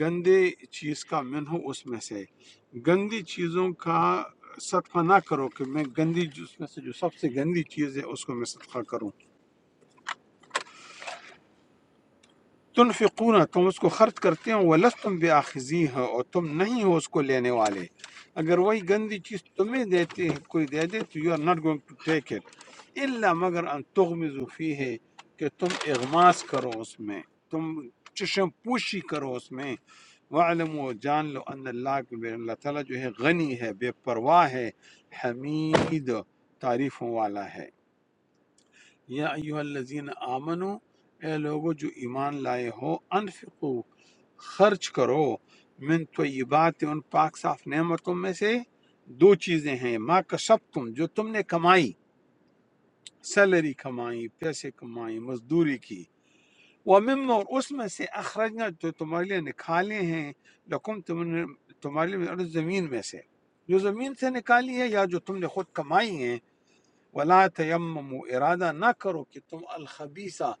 A: گندے چیز کا من ہو اس میں سے گندی چیزوں کا صدقہ نہ کرو کہ میں گندی جو- اس میں سے جو سب سے گندی چیز ہے اس کو میں صدقہ کروں تنفقون تم اس کو خرچ کرتے ہو ولستم بآخذی ہو اور تم نہیں ہو اس کو لینے والے اگر وہی گندی چیز تمہیں دیتے کوئی دے دے تو you are not going to take it الا مگر ان تغمزو فی ہے کہ تم اغماس کرو اس میں تم چشم پوشی کرو اس میں وعلم و جان لو ان اللہ کے بے اللہ تعالیٰ جو ہے غنی ہے بے پرواہ ہے حمید تعریفوں والا ہے یا ایوہ الذین آمنو اے لوگو جو ایمان لائے ہو انفقو خرچ کرو من طیبات ان پاک صاف نعمتوں میں سے دو چیزیں ہیں ما کسب تم جو تم نے کمائی سیلری کمائی پیسے کمائی مزدوری کی ومم اور اس میں سے اخرجنا جو تمہارے لیے نکالے ہیں لکم تم نے تمہارے لیے زمین میں سے جو زمین سے نکالی ہے یا جو تم نے خود کمائی ہیں ولا تیمم ارادہ نہ کرو کہ تم الخبیثہ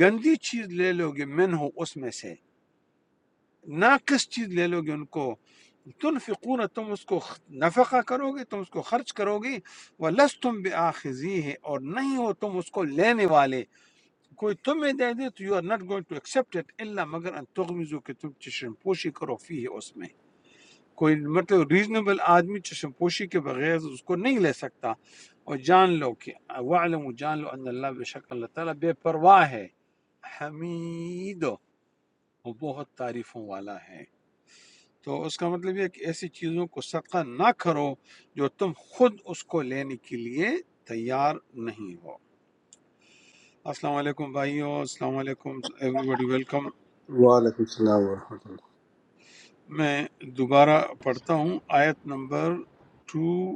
A: گندی چیز لے لو گے من ہو اس میں سے ناقص چیز لے لو گے ان کو تنفقون تم اس کو خ- نفقہ کرو گے تم اس کو خرچ کرو گے ولستم بآخذی ہے اور نہیں ہو تم اس کو لینے والے کوئی تمہیں دے دے تو you are not going to accept it الا مگر ان تغمزو کہ تم چشم پوشی کرو فی ہے اس میں کوئی مطلب ریزنیبل آدمی چشم پوشی کے بغیر اس کو نہیں لے سکتا اور جان لو کہ وعلم جان لو ان اللہ بے شک اللہ تعالیٰ بے پرواہ ہے حمید وہ بہت تعریفوں والا ہے تو اس کا مطلب یہ ہے کہ ایسی چیزوں کو صدقہ نہ کرو جو تم خود اس کو لینے کے لیے تیار نہیں ہو السلام علیکم بھائیو السلام علیکم ایوری بڈی ویلکم
F: وعلیکم السلام ورحمۃ اللہ
A: میں دوبارہ پڑھتا ہوں آیت نمبر ٹو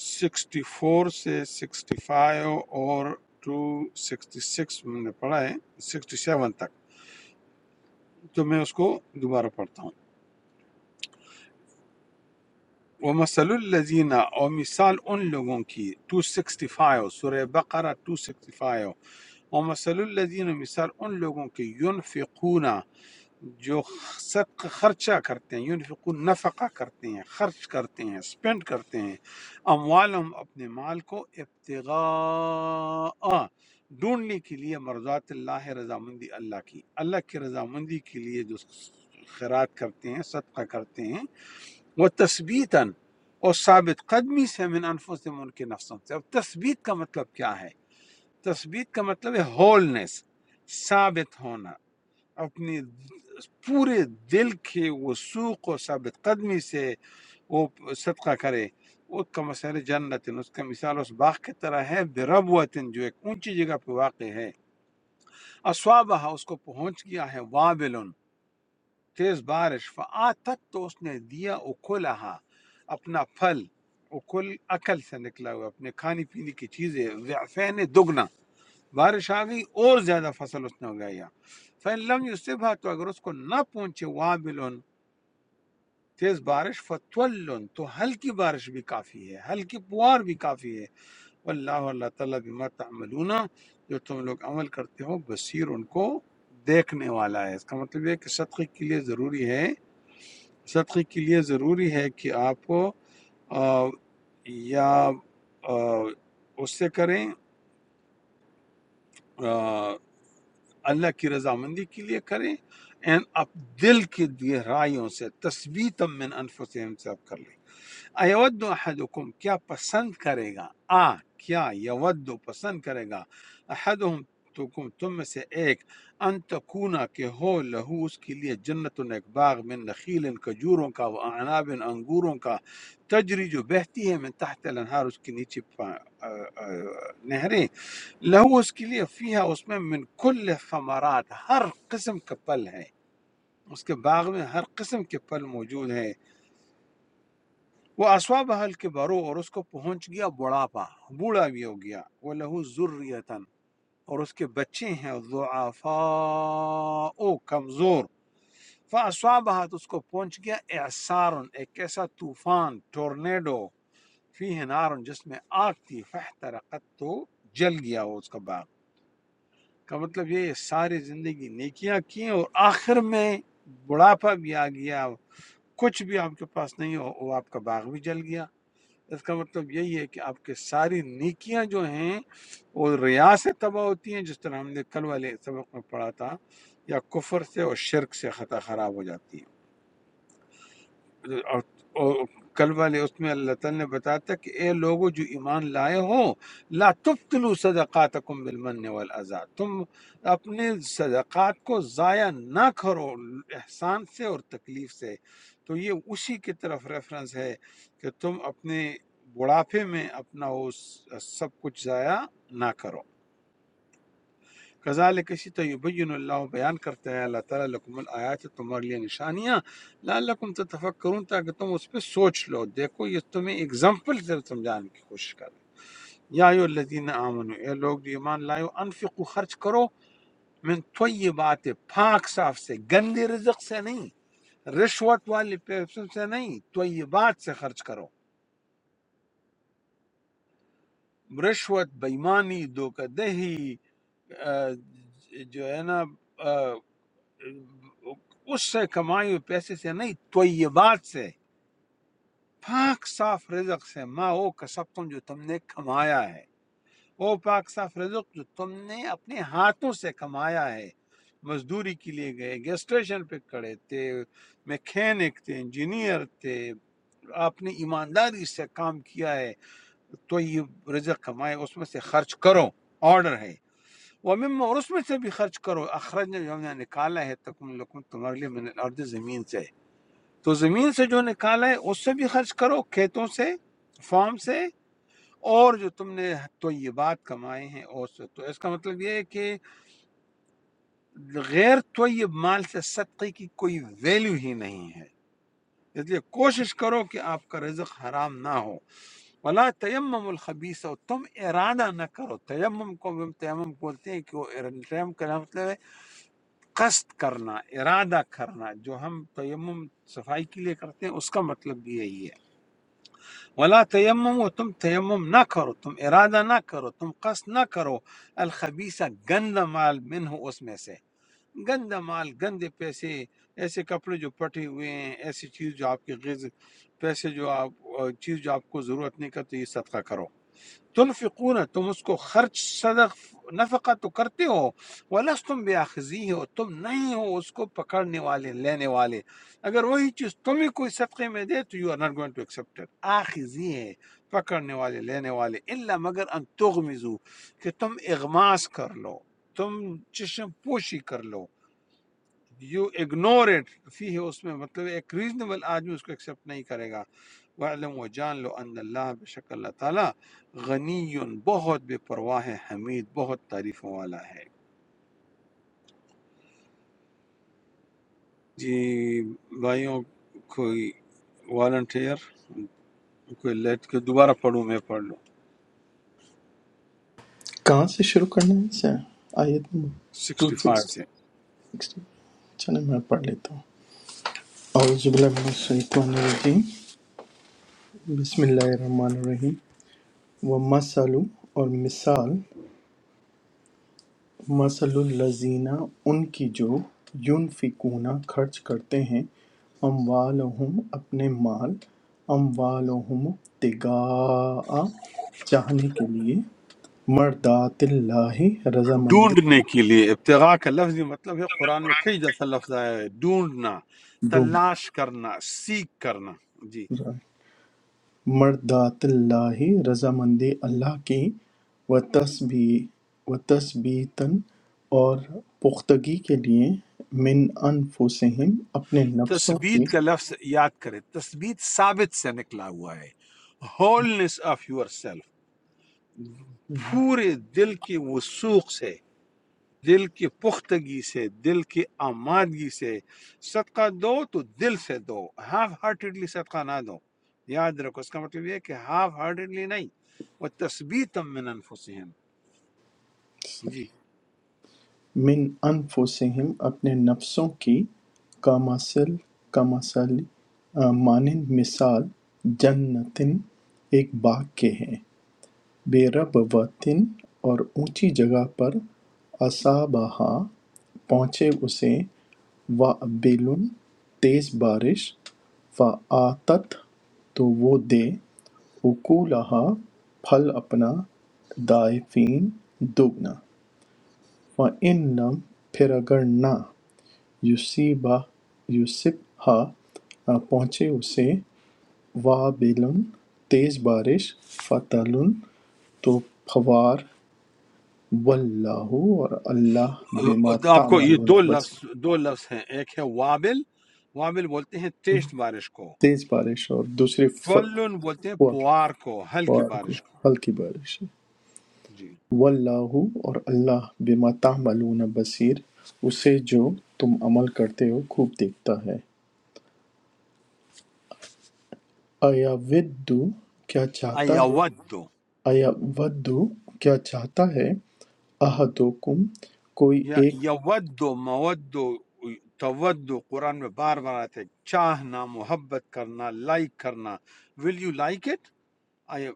A: سکسٹی فور سے سکسٹی فائیو اور ٹو سکسٹی سکس میں نے پڑھا ہے سکسٹی سیون تک تو میں اس کو دوبارہ پڑھتا ہوں وہ مسل الزینہ اور مثال ان لوگوں کی ٹو سکسٹی فائیو سورہ بقرہ ٹو سکسٹی فائیو اور مسل الزین مثال ان لوگوں کی یونفقون جو صدقہ خرچہ کرتے ہیں یونفقون نفقہ کرتے ہیں خرچ کرتے ہیں سپینڈ کرتے ہیں اموالہم اپنے مال کو ابتغاء ڈھونڈنے کے لیے مرضات اللہ رضامندی اللہ کی اللہ کی رضامندی کے لیے جو خیرات کرتے ہیں صدقہ کرتے ہیں وہ تثبیتاً اور ثابت قدمی سے من انفسم ان کے نفسوں سے اب تثبیت کا مطلب کیا ہے تثبیت کا مطلب ہے ہولنس ثابت ہونا اپنے پورے دل کے وسوق و ثابت قدمی سے وہ صدقہ کرے وہ کا مسئلہ جنت اس کا مثال اس باغ کی طرح ہے بربوتن جو ایک اونچی جگہ پہ واقع ہے اسوابہ اس کو پہنچ گیا ہے وابلن تیز بارش فآتت تو اس نے دیا اکلہا اپنا پھل اکل عقل سے نکلا ہوا اپنے کھانے پینے کی چیزیں ضعفین دگنا بارش آ گئی اور زیادہ فصل اس نے اگایا فلم یوسفا تو اگر اس کو نہ پہنچے وابل تیز بارش فتول تو ہلکی بارش بھی کافی ہے ہلکی پوار بھی کافی ہے واللہ اللہ تعالیٰ بما تعملون جو تم لوگ عمل کرتے ہو بصیر ان کو دیکھنے والا ہے اس کا مطلب یہ ہے کہ صدقے کے لیے ضروری ہے صدقے کے لیے ضروری ہے کہ آپ کو آ، یا آ، اس سے کریں آ, اللہ کی رضامندی کے لیے کریں اینڈ آپ دل کی گہرائیوں سے تثبیت من انفسہم سے آپ کر لیں ایود احدکم کیا پسند کرے گا آ کیا یود پسند کرے گا احدہم تکم تم میں سے ایک ان تکونا کہ ہو لہو اس کے لیے جنت ایک باغ من نخیل کجوروں کا و اعناب انگوروں کا تجری جو بہتی ہے من تحت الانہار اس کے نیچے پا- آ- آ- نہریں لہو اس کے لیے فیہا اس میں من کل ثمرات ہر قسم کا پل ہے اس کے باغ میں ہر قسم کے پل موجود ہیں وہ اسوا بحل کے برو اور اس کو پہنچ گیا بڑھاپا بوڑھا بھی ہو گیا وہ لہو ذریتن اور اس کے بچے ہیں ضعفاء او کمزور فاصابہت اس کو پہنچ گیا اعصار ایک ایسا طوفان ٹورنیڈو فی نار جس میں آگ تھی فاحترقت تو جل گیا وہ اس کا باغ کا مطلب یہ ہے، ساری زندگی نیکیاں کی ہیں اور آخر میں بڑھاپا بھی آ گیا کچھ بھی آپ کے پاس نہیں ہو وہ آپ کا باغ بھی جل گیا اس کا مطلب یہی ہے کہ آپ کے ساری نیکیاں جو ہیں وہ ریا سے تباہ ہوتی ہیں جس طرح ہم نے کل والے سبق میں پڑھا تھا یا کفر سے اور شرک سے خطا خراب ہو جاتی ہے اور اور کل والے اس میں اللہ تعالیٰ نے بتایا تھا کہ اے لوگو جو ایمان لائے ہو لا تبتلو صدقاتکم بالمن والعزا تم اپنے صدقات کو ضائع نہ کرو احسان سے اور تکلیف سے تو یہ اسی کی طرف ریفرنس ہے کہ تم اپنے بڑھاپے میں اپنا وہ سب کچھ ضائع نہ کرو کذالک اسی طرح یبین اللہ بیان کرتا ہے اللہ تعالیٰ لکم الآیات تمہارے لیے نشانیاں لعلکم تتفکرون تاکہ تم اس پہ سوچ لو دیکھو یہ تمہیں اگزامپل سے سمجھانے کی کوشش کر رہی ہے یا ایو الذین آمنو اے لوگ جو ایمان لائے ہو، انفقو خرچ کرو من طیبات پاک صاف سے گندے رزق سے نہیں رشوت والے پیسوں سے نہیں طیبات سے خرچ کرو رشوت بےمانی دھوکہ دہی آ، جو ہے نا آ، اس سے کمائے ہوئے پیسے سے نہیں طیبات سے پاک صاف رزق سے ما وہ کسب تم جو تم نے کمایا ہے وہ پاک صاف رزق جو تم نے اپنے ہاتھوں سے کمایا ہے مزدوری کے لیے گئے گیس اسٹیشن پہ کھڑے تھے میکینک تھے انجینئر تھے آپ نے ایمانداری سے کام کیا ہے تو یہ رزق کمائے اس میں سے خرچ کرو آرڈر ہے وَمِمَّا اور اس میں سے بھی خرچ کرو اخرجنا جو ہم نے نکالا ہے تکم لکم تمہارے لیے من الارض زمین سے تو زمین سے جو نکالا ہے اس سے بھی خرچ کرو کھیتوں سے فارم سے اور جو تم نے طیبات کمائے ہیں اور سے تو اس کا مطلب یہ ہے کہ غیر طیب مال سے صدقے کی کوئی ویلیو ہی نہیں ہے اس لیے کوشش کرو کہ آپ کا رزق حرام نہ ہو ولا تیمم الخبیث اور تم ارادہ نہ کرو تیمم کو تیمم بولتے ہیں کہ وہ ارادہ- تیمم کا مطلب ہے قصد کرنا ارادہ کرنا جو ہم تیمم صفائی کے لیے کرتے ہیں اس کا مطلب بھی یہی ہے ولا تیمم و تم تیمم نہ کرو تم ارادہ نہ کرو تم قصد نہ کرو الخبیثہ گند مال منہ اس میں سے گند مال گندے پیسے ایسے کپڑے جو پٹے ہوئے ہیں ایسی چیز جو آپ کی غز پیسے جو آپ چیز جو آپ کو ضرورت نہیں کرتی یہ صدقہ کرو تنفقون تم اس کو خرچ صدق نفقہ تو کرتے ہو ولستم بیاخذیہ اور تم نہیں ہو اس کو پکڑنے والے لینے والے اگر وہی چیز تمہیں کوئی صدقے میں دے تو you are not going to accept it آخذی ہے پکڑنے والے لینے والے الا مگر ان تغمزو کہ تم اغماس کر لو تم چشم پوشی کر لو یو اگنور اٹ فی ہے اس میں مطلب ایک ریزنیبل آدمی اس کو ایکسیپٹ نہیں کرے گا وعلم و جان لو ان اللہ بے شک اللہ تعالیٰ غنی بہت بے پرواہ ہے حمید بہت تعریفوں والا ہے جی بھائیوں کوئی والنٹیئر کوئی لیٹ کے دوبارہ پڑھوں میں پڑھ لوں
G: کہاں سے شروع کرنا ہے اسے آیت نمبر
A: سکسٹی فائیو سے
G: 260 چلیں میں پڑھ لیتا ہوں اعوذ باللہ من الشیطان الرجیم بسم اللہ الرحمن الرحیم و اور مثال مثل الذین ان کی جو یونفقون خرچ کرتے ہیں اموالہم اپنے مال اموالہم ابتغاء چاہنے کے لیے مردات اللہ رضامندی
A: ڈھونڈنے کے لیے ابتغاء کا لفظی مطلب ہے قرآن میں کئی دفعہ لفظ آیا ہے ڈھونڈنا
G: ڈھونڈ
A: تلاش کرنا سیکھ کرنا جی
G: مرضات اللہ رضامندی اللہ کی و تسبیح و تثبیتاً اور پختگی کے لیے من انفسہم اپنے نفسوں
A: تثبیت
G: کی
A: کا لفظ یاد کریں تثبیت ثابت سے نکلا ہوا ہے ہولنس آف یور سیلف پورے دل کی وسوخ سے دل کی پختگی سے دل کی آمادگی سے صدقہ دو تو دل سے دو ہاف ہارٹیڈلی صدقہ نہ دو یاد رکھو اس کا مطلب یہ ہے کہ ہاف ہارٹیڈلی نہیں وہ تثبیت من انفسہم جی
G: من انفسہم اپنے نفسوں کی کامثل کامثل آ، مانند مثال جنتن ایک باغ کے ہیں بے رب وطن اور اونچی جگہ پر اصابہا پہنچے اسے وابل تیز بارش فَآتَتْ تو وہ دے اکولہا پھل اپنا ضائعفین دوگنا وَإِن لَم پھر اگر نہ یصیبہ یصبھا پہنچے اسے وابل تیز بارش فَتَلٌ تو پھوار واللہ اور اللہ بما
A: تو آپ کو یہ
G: تعملون
A: دو لفظ
G: بصیر
A: دو لفظ ہیں ایک ہے وابل وابل بولتے ہیں تیز بارش کو
G: تیز بارش اور دوسری ف-
A: ट्वल्लुन बोलते हैं पुआर को हल्की
G: پارک میں
A: बारिश को
G: ہلکی بارش ہے۔
A: जी
G: واللہ اور اللہ بما تعملون بصیر اسے جو تم عمل کرتے ہو خوب دیکھتا ہے آیا ودو کیا چاہتا ہے
A: अयवद्दो
G: آیا ودو کیا چاہتا ہے احدکم کوئی
A: या
G: ایک
A: यवद्दो मवद्दो तवद्दो कुरान में बार बार आते हैं चाहना मोहब्बत करना लाइक करना will you like it I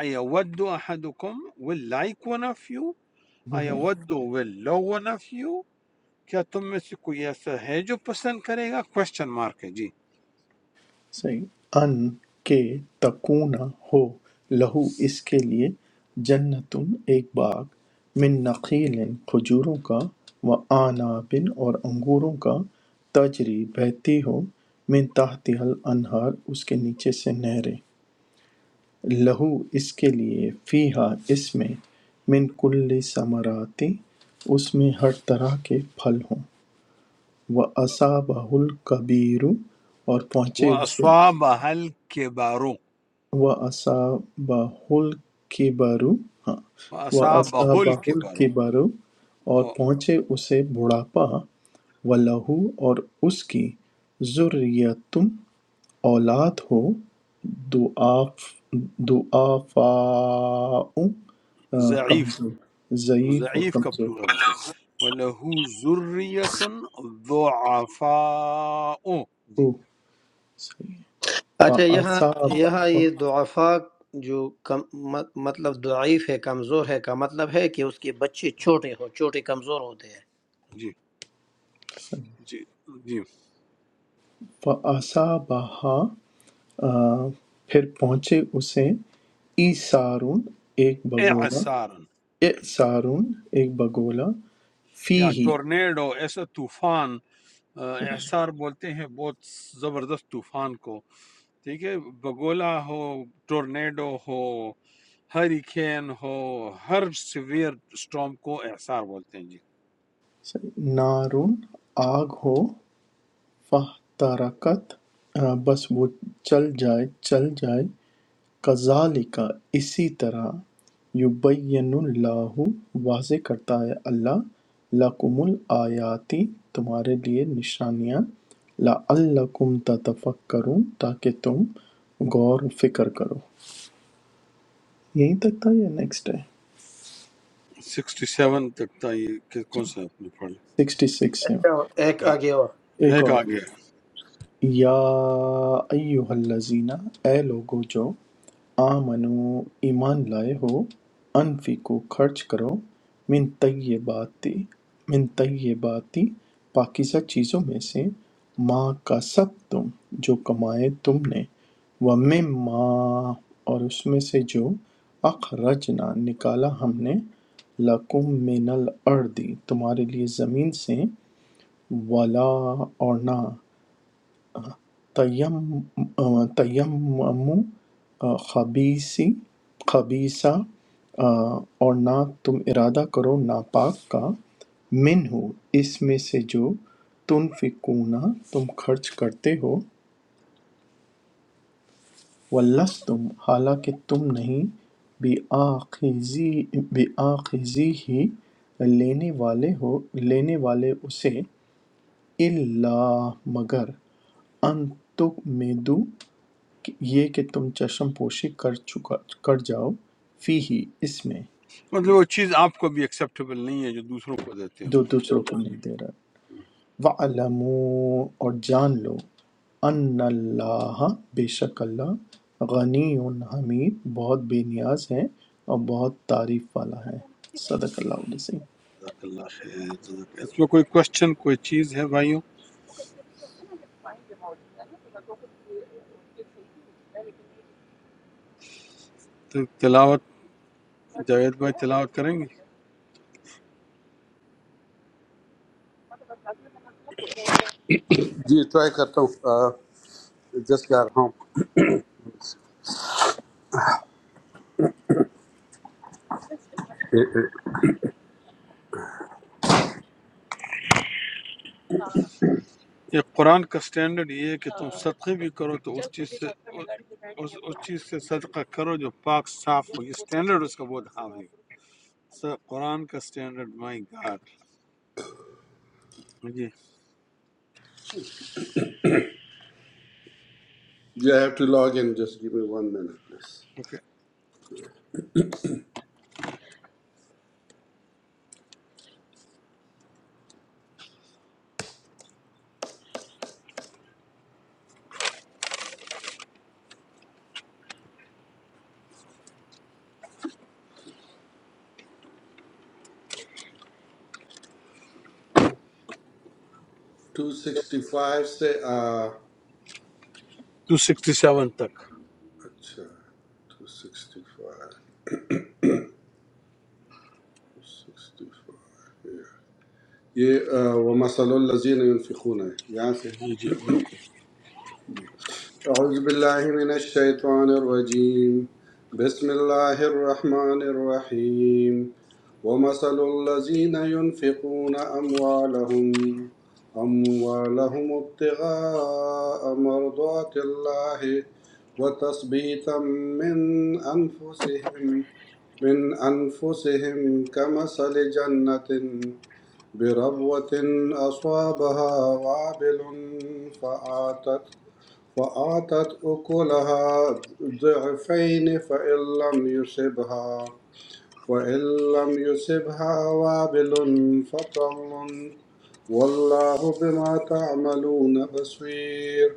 A: अयवद्दो अहदुकुम will like one of you अयवद्दो will love one of you क्या तुम में से कोई ऐसा है जो पसंद करेगा क्वेश्चन मार्क है जी
G: أَنْ کہ تَکُونَ ہو لَہُ اس کے لیے جَنَّةٌ ایک باغ مِن نَخِیلٍ کھجوروں کا وَأَعْنَابٍ اور انگوروں کا تَجْرِی بہتی ہو مِن تَحْتِہَا الْأَنْہَارُ اس کے نیچے سے نہریں لَہُ اس کے لیے فِیہَا اس میں مِن کُلِّ ثَمَرَاتِ اس میں ہر طرح کے پھل ہوں وَأَصَابَهُ الْكَبِیرُ اور پہنچے
A: वह
G: اسے
A: अस्वाब हल के बारो
G: وَأَصَابَہُ
A: वह असाब हल के बारो
G: الْكِبَرُ اور پہنچے اسے بڑھاپا وَلَهُ اور اس کی ذُرِّيَّةٌ اولاد ہو ضُعَفَاءُ آ،
A: ज़ईफ़
G: کمزور ضعیف اور
A: ضعیف کا
G: کمزور
A: پلورل دو وَلَهُ ذُرِّيَّةٌ ضُعَفَاءُ
G: او
A: جی
G: صحیح ہے۔
E: अच्छा यहाँ यहाँ
G: فَأَصَابَ-
E: ये दुआफा जो कम मत, मतलब दुआफ है कमज़ोर है का मतलब है कि उसके बच्चे छोटे हो छोटे कमज़ोर होते हैं
A: جی جی جی
G: فَأَصَابَہَا آ، پھر پہنچے اسے ایسارون ایک بگولا
A: اعصارن
G: ایسارون ایک بگولا فی
A: یا
G: ہی
A: ٹورنیڈو ایسا طوفان آ، اعصار بولتے ہیں بہت زبردست طوفان کو ٹھیک ہے بگولا ہو ٹورنیڈو ہو ہریکین ہو ہر سیویئر سٹارم کو اعصار بولتے ہیں جی
G: نارون آگ ہو فاحترقت آ، بس وہ چل جائے چل جائے کذالک اسی طرح یبین اللہ واضح کرتا ہے اللہ لکم الآیاتی تمہارے لیے نشانیاں لعلکم تتفکرون تاکہ تم غور و فکر کرو یہیں تک تھا یا نیکسٹ ہے
A: سکسٹی سیون تک تھا یہ کہ- کون سا آپ نے پڑھا
G: سکسٹی سکس سے
E: अच्छा एक
A: ہاں،
E: आगे और
G: ایک
A: ایک
G: اور
A: آگے
G: یا ایوہ الذین اے لوگو جو آمنو ایمان لائے ہو انفیکو خرچ کرو من طیباتی من طیباتی پاکیزہ چیزوں میں سے ما کا سب تم جو کمائے تم نے وَمِمَّا اور اس میں سے جو اخرجنا نکالا ہم نے لَكُم مِّنَ الْأَرْضِ تمہارے لیے زمین سے ولا اور نہ تیم تیمم خبیسی خبیصہ اور نہ تم ارادہ کرو ناپاک کا من ہو اس میں سے جو تم فکونا تم خرچ کرتے ہو ولس تم حالانکہ تم نہیں بے آخذی بے آخذی ہی لینے والے ہو لینے والے اسے اللہ مگر ان تک یہ کہ تم چشم پوشی کر چکا کر جاؤ فی ہی اس میں
A: مطلب وہ چیز آپ کو بھی ایکسیپٹیبل نہیں ہے جو دوسروں کو دیتے
G: جو
A: ہوں
G: دوسروں کو نہیں دے رہا وَعْلَمُوا اور جان لو ان اللہ بے شک اللہ غنی حمید بہت بے نیاز ہے اور بہت تعریف والا ہے صدق اللہ علیہ وسلم۔
A: جزاک اللہ خیر جزاک- اس میں کوئی کوشچن کوئی چیز ہے بھائیوں تو تلاوت جاوید بھائی تلاوت کریں گے
F: جی ٹرائی کرتا ہوں جسٹ گیٹ ہوم
A: یہ قرآن کا سٹینڈرڈ یہ ہے کہ تم صدقے بھی کرو تو اس چیز سے اس, اس چیز سے صدقہ کرو جو پاک صاف ہو یہ سٹینڈرڈ اس کا بہت عام ہے سر قرآن کا سٹینڈرڈ مائی گاڈ جی
F: you have to log in just give me one minute please
A: okay
F: 265 سے آ،
A: ٹو سکسٹی سیون تک
F: اچھا 265 265 یہ آ، وَمَثَلُ الَّذِينَ يُنْفِقُونَ ہے یہاں سے
A: جی جی بالکل
F: أعوذ بالله من الشيطان الرجيم بسم الله الرحمن الرحيم ومثل الذين ينفقون أموالهم أموالهم ابتغاء مرضات الله وتثبيتا من أنفسهم من أنفسهم كمثل جنة بربوة أصابها وابل فآتت فأعطت أكلها ضعفين فإن لم يصبها وإن لم يصبها وابل فطل والله بما تعملون بصير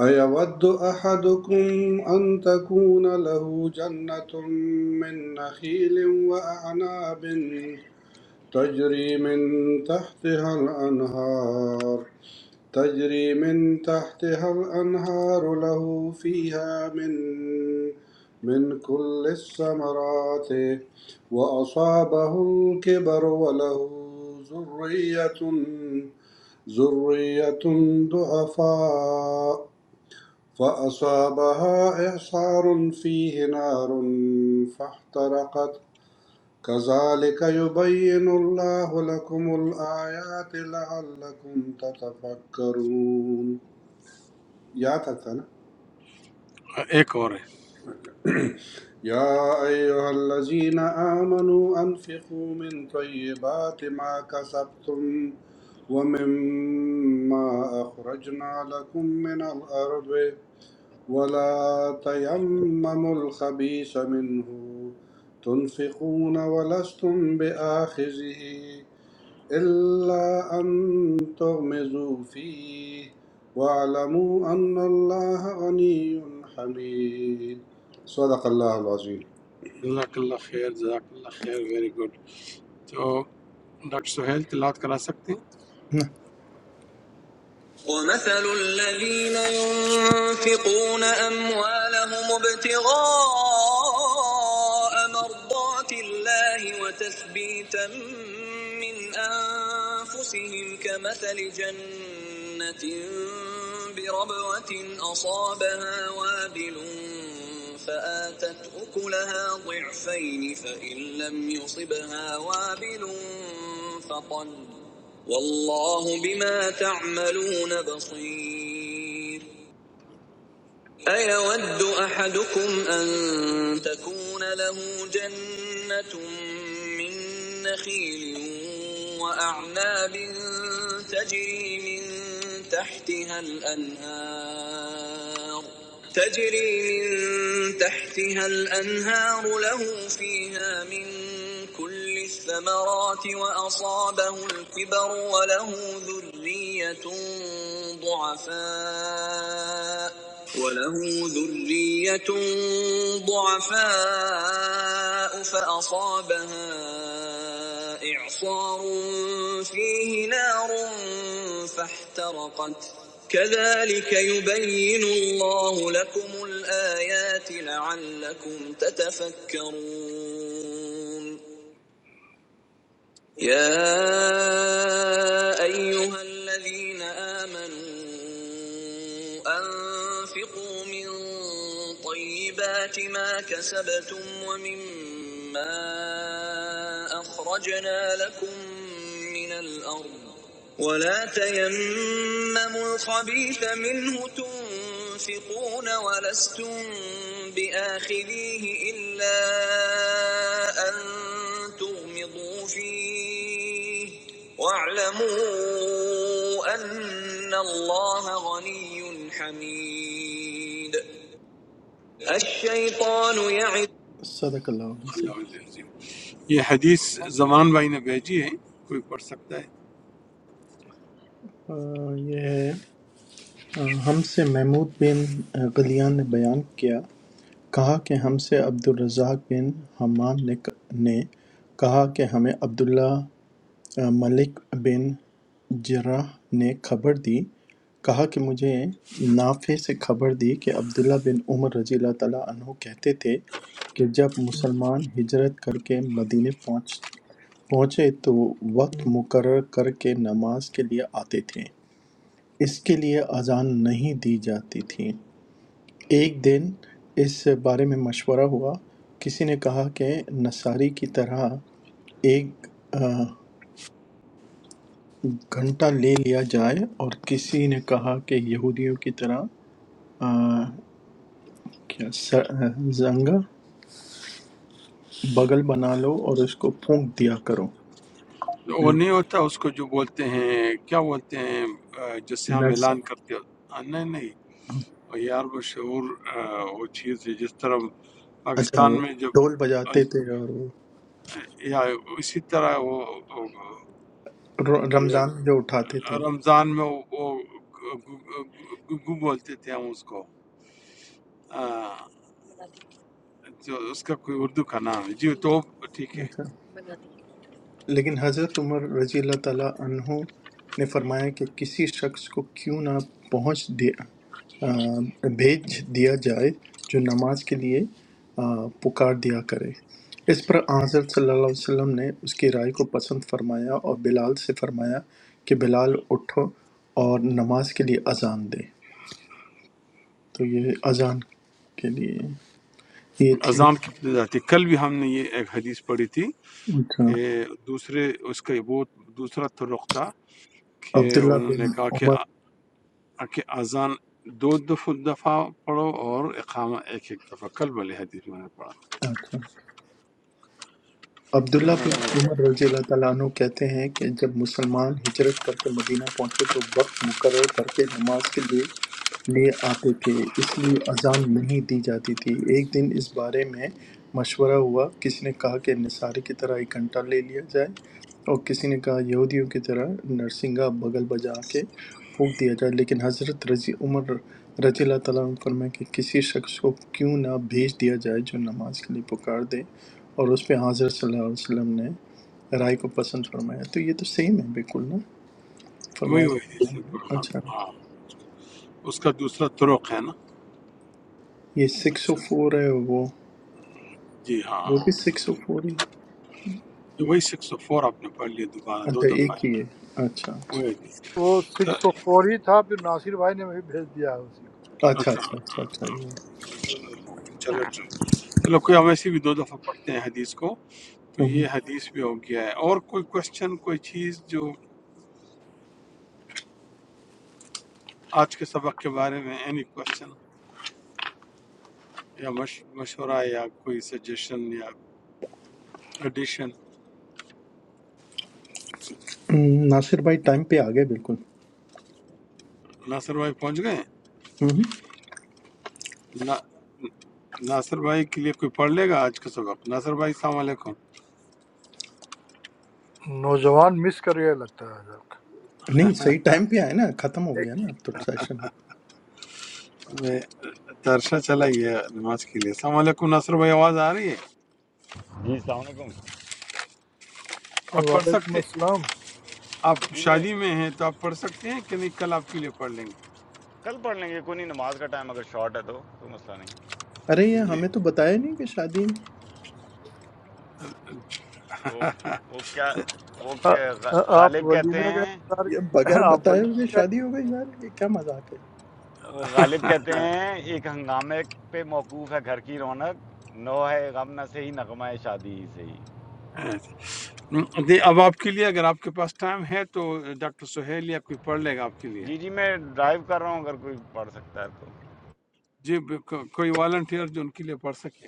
F: أيود أحدكم أن تكون له جنة من نخيل وأعناب تجري من تحتها الأنهار تجري من تحتها الأنهار له فيها من من كل الثمرات وأصابه الكبر وله ذرية ذرية ضعفاء فأصابها إعصار فيه نار فاحترقت كذلك يبين الله لكم الآيات لعلكم تتفكرون یا تھا تھا نا
A: ایک اور ہے
F: یا ایوہ الذین آمنوا انفقوا من طیبات ما کسبتم ومما اخرجنا لكم من الارض ولا تيمموا الخبيث منه تنفقون ولستم باخذه إلا أن تغمزوا فيه واعلموا أن الله غني حميد صدق الله العظيم
A: جزاک اللہ خیر جزاک اللہ خیر ویری گڈ تو ڈاکٹر سہیل تلاوت کرا سکتے ہیں
G: ومثل الذين ينفقون أموالهم ابتغاء مرضات الله وتثبيتا من أنفسهم كمثل جنة بربوة أصابها وابل فآتت أكلها ضعفين فإن لم يصبها وابل فطل والله بما تعملون بصير أيود أحدكم أن تكون له جنة من نخيل وأعناب تجري من تحتها الأنهار تجري من تحتها الأنهار له فيها من كل الثمرات وأصابه الكبر وله ذرية ضعفاء وله ذرية ضعفاء فأصابها إعصار فيه نار فاحترقت كذلك يبين الله لكم الآيات لعلكم تتفكرون يا أيها الذين آمنوا أنفقوا من طيبات ما كسبتم ومما أخرجنا لكم من الأرض ولا تيمموا الخبيث منه تنفقون ولستم بآخذيه إلا أن تغمضوا فيه واعلموا أن الله غني حميد الشيطان يعد صدق الله العظيم
A: اللہ العظیم یہ حدیث زمان بھائی نے بھیجی ہے کوئی پڑھ سکتا ہے
G: अ, ये है अ, हमसे महमूद बिन अ, गलियान ने बयान किया کہا کہ ہم سے عبدالرزاق بن حمام نے کہا کہ ہمیں عبداللہ ملک بن جراح نے خبر دی کہا کہ مجھے نافع سے خبر دی کہ عبداللہ بن عمر رضی اللہ تعالیٰ عنہ کہتے تھے کہ جب مسلمان ہجرت کر کے مدینے پہنچ پہنچے تو وقت مقرر کر کے نماز کے لیے آتے تھے اس کے لیے اذان نہیں دی جاتی تھی ایک دن اس بارے میں مشورہ ہوا کسی نے کہا کہ نصاری کی طرح ایک آ، گھنٹہ لے لیا جائے اور کسی نے کہا کہ یہودیوں کی طرح آ، کیا س- آ، زنگا بغل بنا لو اور اس کو پھونک دیا کرو
A: وہ نہیں ہوتا اس کو جو بولتے ہیں کیا بولتے ہیں آ، جس سے ہم
G: نٹس
A: اعلان کرتے ہو آ، نہیں نہیں وہ یار بشعور آ، وہ چیز ہے جس طرح
G: اچھا وہ
A: پاکستان میں جب
G: ڈھول بجاتے
A: از-
G: تھے اور وہ
A: یا اسی طرح وہ وہ-
G: ر-
A: یا
G: رمضان میں جو اٹھاتے تھے
A: رمضان میں وہ وہ گگو بولتے تھے ہم اس کو آ، جو اس کا کوئی اردو کا نام ہے جی تو ٹھیک ہے
G: اچھا لیکن حضرت عمر رضی اللہ تعالیٰ عنہ نے فرمایا کہ کسی شخص کو کیوں نہ پہنچ دیا آ، بھیج دیا جائے جو نماز کے لیے آ، پکار دیا کرے اس پر آن حضرت صلی اللہ علیہ وسلم نے اس کی رائے کو پسند فرمایا اور بلال سے فرمایا کہ بلال اٹھو اور نماز کے لیے اذان دے تو یہ اذان کے لیے یہ تھی
A: اذان کتنے جاتی ہے؟ کل بھی ہم نے یہ ایک حدیث پڑھی تھی
G: اچھا
A: کہ دوسرے اس کا وہ دوسرا طرق تھا کہ
G: عبداللہ
A: انہوں نے
G: بن
A: کہا کہ
G: عمر
A: آ- کہ اذان دو دفعہ دفعہ پڑھو اور اقامہ ایک ایک دفعہ کل والے حدیث میں نے پڑھا تھا۔
G: اچھا عبداللہ بن عمر رضی اللہ تعالیٰ عنہ کہتے ہیں کہ جب مسلمان ہجرت کرتے مدینہ پہنچے تو وقت مقرر کر کے نماز کے لیے لے آتے تھے اس لیے اذان نہیں دی جاتی تھی ایک دن اس بارے میں مشورہ ہوا کسی نے کہا کہ نصاری کی طرح ایک گھنٹہ لے لیا جائے اور کسی نے کہا یہودیوں کی طرح نرسنگا بغل بجا کے پھونک دیا جائے لیکن حضرت رضی عمر رضی اللہ تعالیٰ عنہ فرمائے کہ کسی شخص کو کیوں نہ بھیج دیا جائے جو نماز کے لیے پکار دے اور اس پہ حضرت صلی اللہ علیہ وسلم نے رائے کو پسند فرمایا تو یہ تو سیم ہے بالکل نا
A: وہی
G: فرمایا
A: وہی
G: کہ-
A: حدیث ہے، ہاں
G: اچھا
A: ہاں۔ اس کا دوسرا طرق ہے نا
G: یہ سکس او
A: اچھا
G: فور ہے وہ
A: جی ہاں
G: وہ
A: ہاں۔
G: بھی سکس او فور ہی ہے؟
A: وہی سکس او فور آپ نے پڑھ لیا دوبارہ دو
G: اچھا
A: دفعہ
G: ایک
A: ہے
G: ہی ہے اچھا
A: وہی
G: اچھا
A: حدیث
D: وہ سکس او فور ہی تھا پھر ناصر بھائی نے بھی بھیج دیا ہے اسی کو
G: اچھا
A: اچھا
G: اچھا اچھا اچھا یہ
A: چلو چلو کوئی ہم ایسے بھی دو دفعہ پڑھتے ہیں حدیث کو تو
G: ہوں۔
A: یہ حدیث بھی ہو گیا ہے اور کوئی کوشچن کوئی چیز جو آج کے سبق کے بارے میں اینی کوشچن یا مش- مشورہ یا کوئی سجیشن یا ایڈیشن
G: ہوں، ناصر بھائی ٹائم پہ آ گئے بالکل
A: ناصر بھائی پہنچ گئے ہیں؟
G: ہوں۔
A: نا- ناصر بھائی کے لیے کوئی پڑھ لے گا آج کا سبق ناصر بھائی السلام علیکم
D: نوجوان مس کر گیا لگتا ہے آج آپ کا
G: نہیں صحیح ٹائم پہ آئے نا ختم ہو گیا نا اب تو سیشن
A: میں ترشا چلا گیا نماز کے لیے السلام علیکم ناصر بھائی آواز آ رہی ہے
H: जी अलैक्म
D: ایک-
A: آپ پڑھ
D: وعلیکم
A: سکتے
D: السلام
A: آپ
H: जी मैं
A: شادی میں ہیں تو آپ پڑھ سکتے ہیں کہ نہیں کل آپ کے لیے پڑھ لیں
H: कल पढ़ लेंगे कोई नहीं नमाज का टाइम अगर शॉर्ट है तो कोई मसला नहीं
G: ارے
A: گے
G: یہ ہمیں
A: جی
G: تو بتایا نہیں کہ شادی
H: वो वो क्या वो
D: آ-
H: क्या गा-
D: آ- آپ
H: गालिब कहते
D: ولیمے کا
H: हैं
D: انتظار
G: یہ بغیر
D: آپ
G: بتائے ہوئے
D: ولیمے کا
G: شادی ہو گئی یار یہ کیا مذاق ہے
H: वो गालिब कहते हैं एक हंगामे पे मौकूफ़ है घर की रौनक नो है गम न से ही नगमा है शादी से ही
A: دے- اب آپ کے لیے اگر آپ کے پاس ٹائم ہے تو ڈاکٹر سہیل یا کوئی پڑھ لے گا آپ کے لیے
H: जी जी मैं ड्राइव कर रहा हूँ अगर कोई पढ़ सकता है तो
A: جی ب- کو- کوئی والنٹیئر جو ان کے لیے پڑھ سکے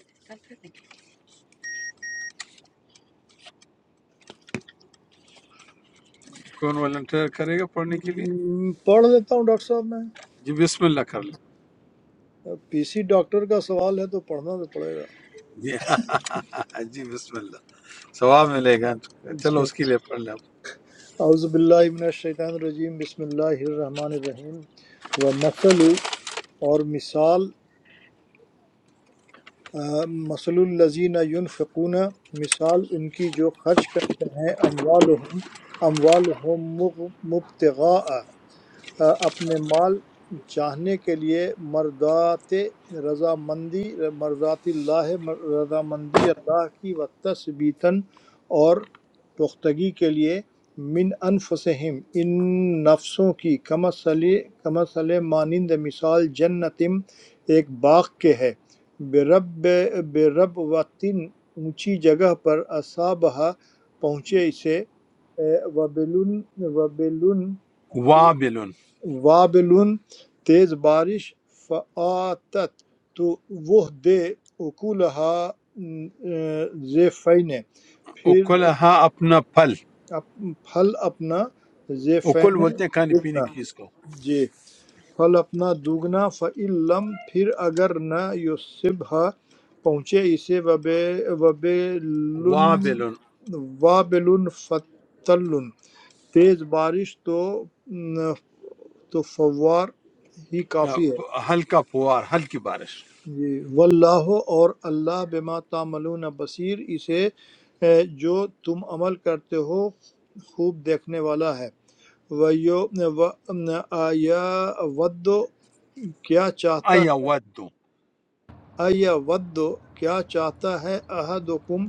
A: کون والنٹیئر کرے گا پڑھنے کے لیے
D: ہم، پڑھ لیتا ہوں ڈاکٹر صاحب میں
A: جی بسم اللہ کر لیں
D: پی سی ڈاکٹر کا سوال ہے تو پڑھنا تو پڑے
A: جی ہاں، جی بسم اللہ ثواب ملے گا چلو
D: گا
A: اس کے لیے پڑھ لیں آپ۔
D: اعوذ باللہ من الشیطان الرجیم بسم اللہ الرحمن الرحیم و مثل اور مثال آ، مثل الذین ينفقون مثال ان کی جو خرچ کرتے ہیں اموالہم اموالہم مبتغاء اپنے مال چاہنے کے لیے مرضات رضا مندی مرضات اللہ رضا مندی اللہ کی و تثبیتاً اور پختگی کے لیے من انفسہم ان نفسوں کی کمثل کمثل مانند مثال جنتم ایک باغ کے ہے برب برب وطن اونچی جگہ پر اصابہ پہنچے اسے وبلن وبلن
A: وابلن
D: وابلٌ تیز بارش فَآتَتْ تو وہ دے اکولہا زیفین پھر
A: اکل ہاں اپنا پھل
D: اپ- پھل اپنا
A: اکل
D: زیفین
A: بولتے ہیں کھانے پینے
D: دگنا
A: کی چیز کو
D: جی پھل اپنا دوگنا فعلم پھر اگر نہ یصبہ پہنچے اسے وبے وبلن
A: وابلن
D: وابلن فتلن تیز بارش تو تو فوار ہی
A: یا
D: کافی ہے
A: ہلکا پوار ہلکی بارش
D: جی واللہ اور اللہ بما تعملون بصیر اسے اے، جو تم عمل کرتے ہو خوب دیکھنے والا ہے وَيُو- و- آیا ود کیا چاہتا
A: ایا ود
D: آیا ود کیا چاہتا ہے احدکم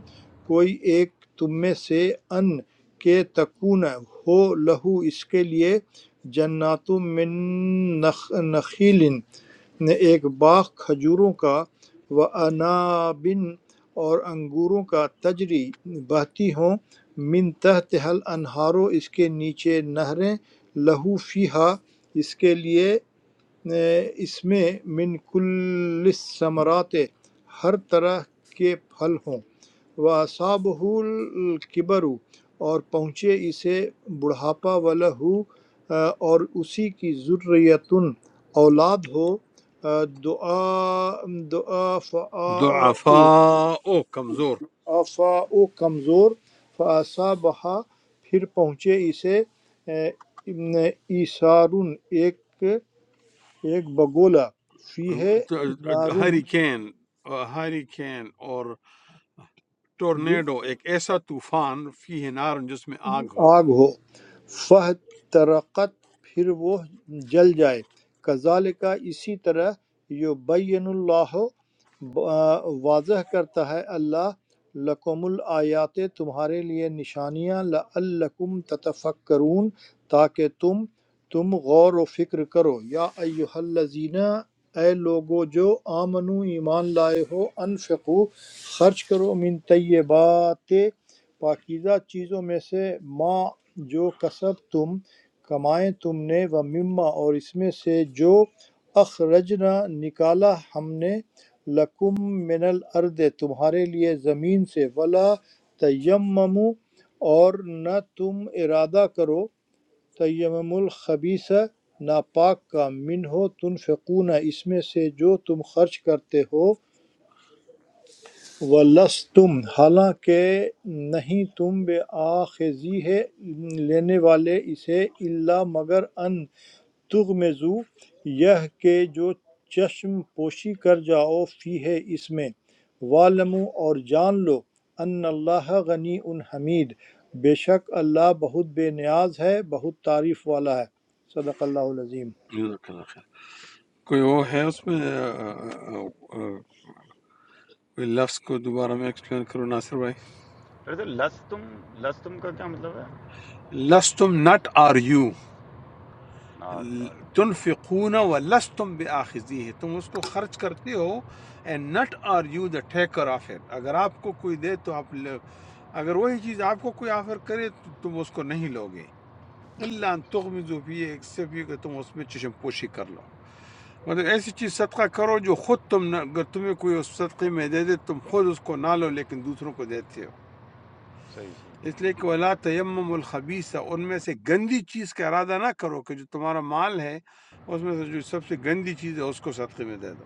D: کوئی ایک تم میں سے ان کے تکون ہو لہو اس کے لیے جنات من نخ نخیل نے ایک باغ کھجوروں کا و انابن اور انگوروں کا تجری بہتی ہوں من تحت حل انہارو اس کے نیچے نہریں لہو فیہا اس کے لیے اے، اس میں من کل ثمرات ہر طرح کے پھل ہوں وَأَصَابَهُ الْكِبَرُ اور پہنچے اسے بڑھاپا وَلَهُ آ، اور اسی کی ذریتن اولاد ہو آ، دعا دعا فعا
A: ضعفاء کمزور
D: فعا کمزور فَأَصَابَهَا پھر پہنچے اسے آ، ایسارن ایک ایک بگولا فی ہے نارن
A: ہری کین ہری کین اور ٹورنیڈو ایک ایسا طوفان فی ہے نار جس میں آگ ہو
D: آگ ہو فاحترقت پھر وہ جل جائے کذالک اسی طرح یبین اللہ آ، واضح کرتا ہے اللہ لکم الآیات تمہارے لیے نشانیاں لعلکم تتفکرون تاکہ تم تم غور و فکر کرو یا ایہا الذین اے لوگو جو آمنو ایمان لائے ہو انفقو خرچ کرو من طیبات پاکیزہ چیزوں میں سے ما جو کسب تم کمائے تم نے و مما اور اس میں سے جو اخرجنا نکالا ہم نے لکم من الارض تمہارے لیے زمین سے ولا تیممو اور نہ تم ارادہ کرو تیمم الخبیث ناپاک کا منہ تنفقون اس میں سے جو تم خرچ کرتے ہو وَلَسْتُمْ حالانکہ نہیں تم بے آخذی ہے لینے والے اسے اللہ مگر ان تغمزو یہ کہ جو چشم پوشی کر جاؤ فی ہے اس میں والمو اور جان لو ان اللہ غنی ان حمید بے شک اللہ بہت بے نیاز ہے بہت تعریف والا ہے صدق اللہ العظیم
A: جزاک اللہ خیر کوئی وہ ہے اس میں آ، آ، آ، کوئی لفظ کو دوبارہ میں ایکسپلین کروں ناصر بھائی
H: अरे तो लस तुम लस तुम का क्या मतलब है
A: لستم نٹ آر یو
H: नॉट
A: تنفقون و لستم بے ہے تم اس کو خرچ کرتے ہو and not are you the taker of it اگر آپ کو کوئی دے تو آپ لے- اگر وہی چیز آپ کو کوئی آفر کرے تو تم اس کو نہیں لوگے اللہ ان تغمزو فی ایکسیپٹ یہ کہ تم اس میں چشم پوشی کر لو مطلب ایسی چیز صدقہ کرو جو خود تم نہ اگر تمہیں کوئی اس صدقے میں دے دے تم خود اس کو نہ لو لیکن دوسروں کو دیتے ہو
H: सही सही
A: اس لیے کہ ولا تیمم الخبیث ان میں سے گندی چیز کا ارادہ نہ کرو کہ جو تمہارا مال ہے اس میں سے جو سب سے گندی چیز ہے اس کو صدقے میں دے دو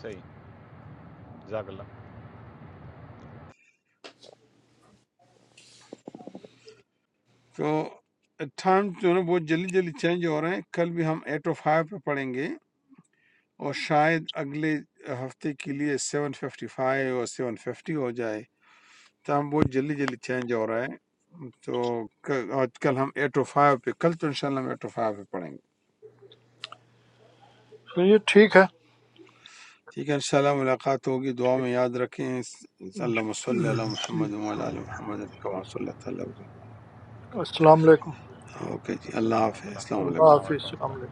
H: सही जजाकल्ला
A: تو ٹائم جو ہے نا بہت جلدی جلدی چینج ہو رہے ہیں کل بھی ہم ایٹ او فائیو پہ پڑھیں گے اور شاید اگلے ہفتے کے لیے سیون ففٹی فائیو اور سیون ففٹی ہو جائے تو ہم بہت جلدی جلدی چینج ہو رہا ہے تو ک- آج کل ہم ایٹ او فائیو پہ کل تو انشاءاللہ ہم ایٹ او فائیو پہ پڑھیں گے
D: تو یہ ٹھیک ہے
A: ٹھیک ہے انشاءاللہ ملاقات ہوگی دعا میں یاد رکھیں اللہ صلی اللہ محمد وعلی آل محمد کما صلی اللہ تعالی وسلم
D: السلام علیکم
A: اوکے جی اللہ
H: सलाम
A: حافظ
H: वरहमतुल्लाह
A: السلام
D: اللہ
A: علیکم
H: अस्सलाम
D: حافظ السلام
H: वालेकुम
D: علیکم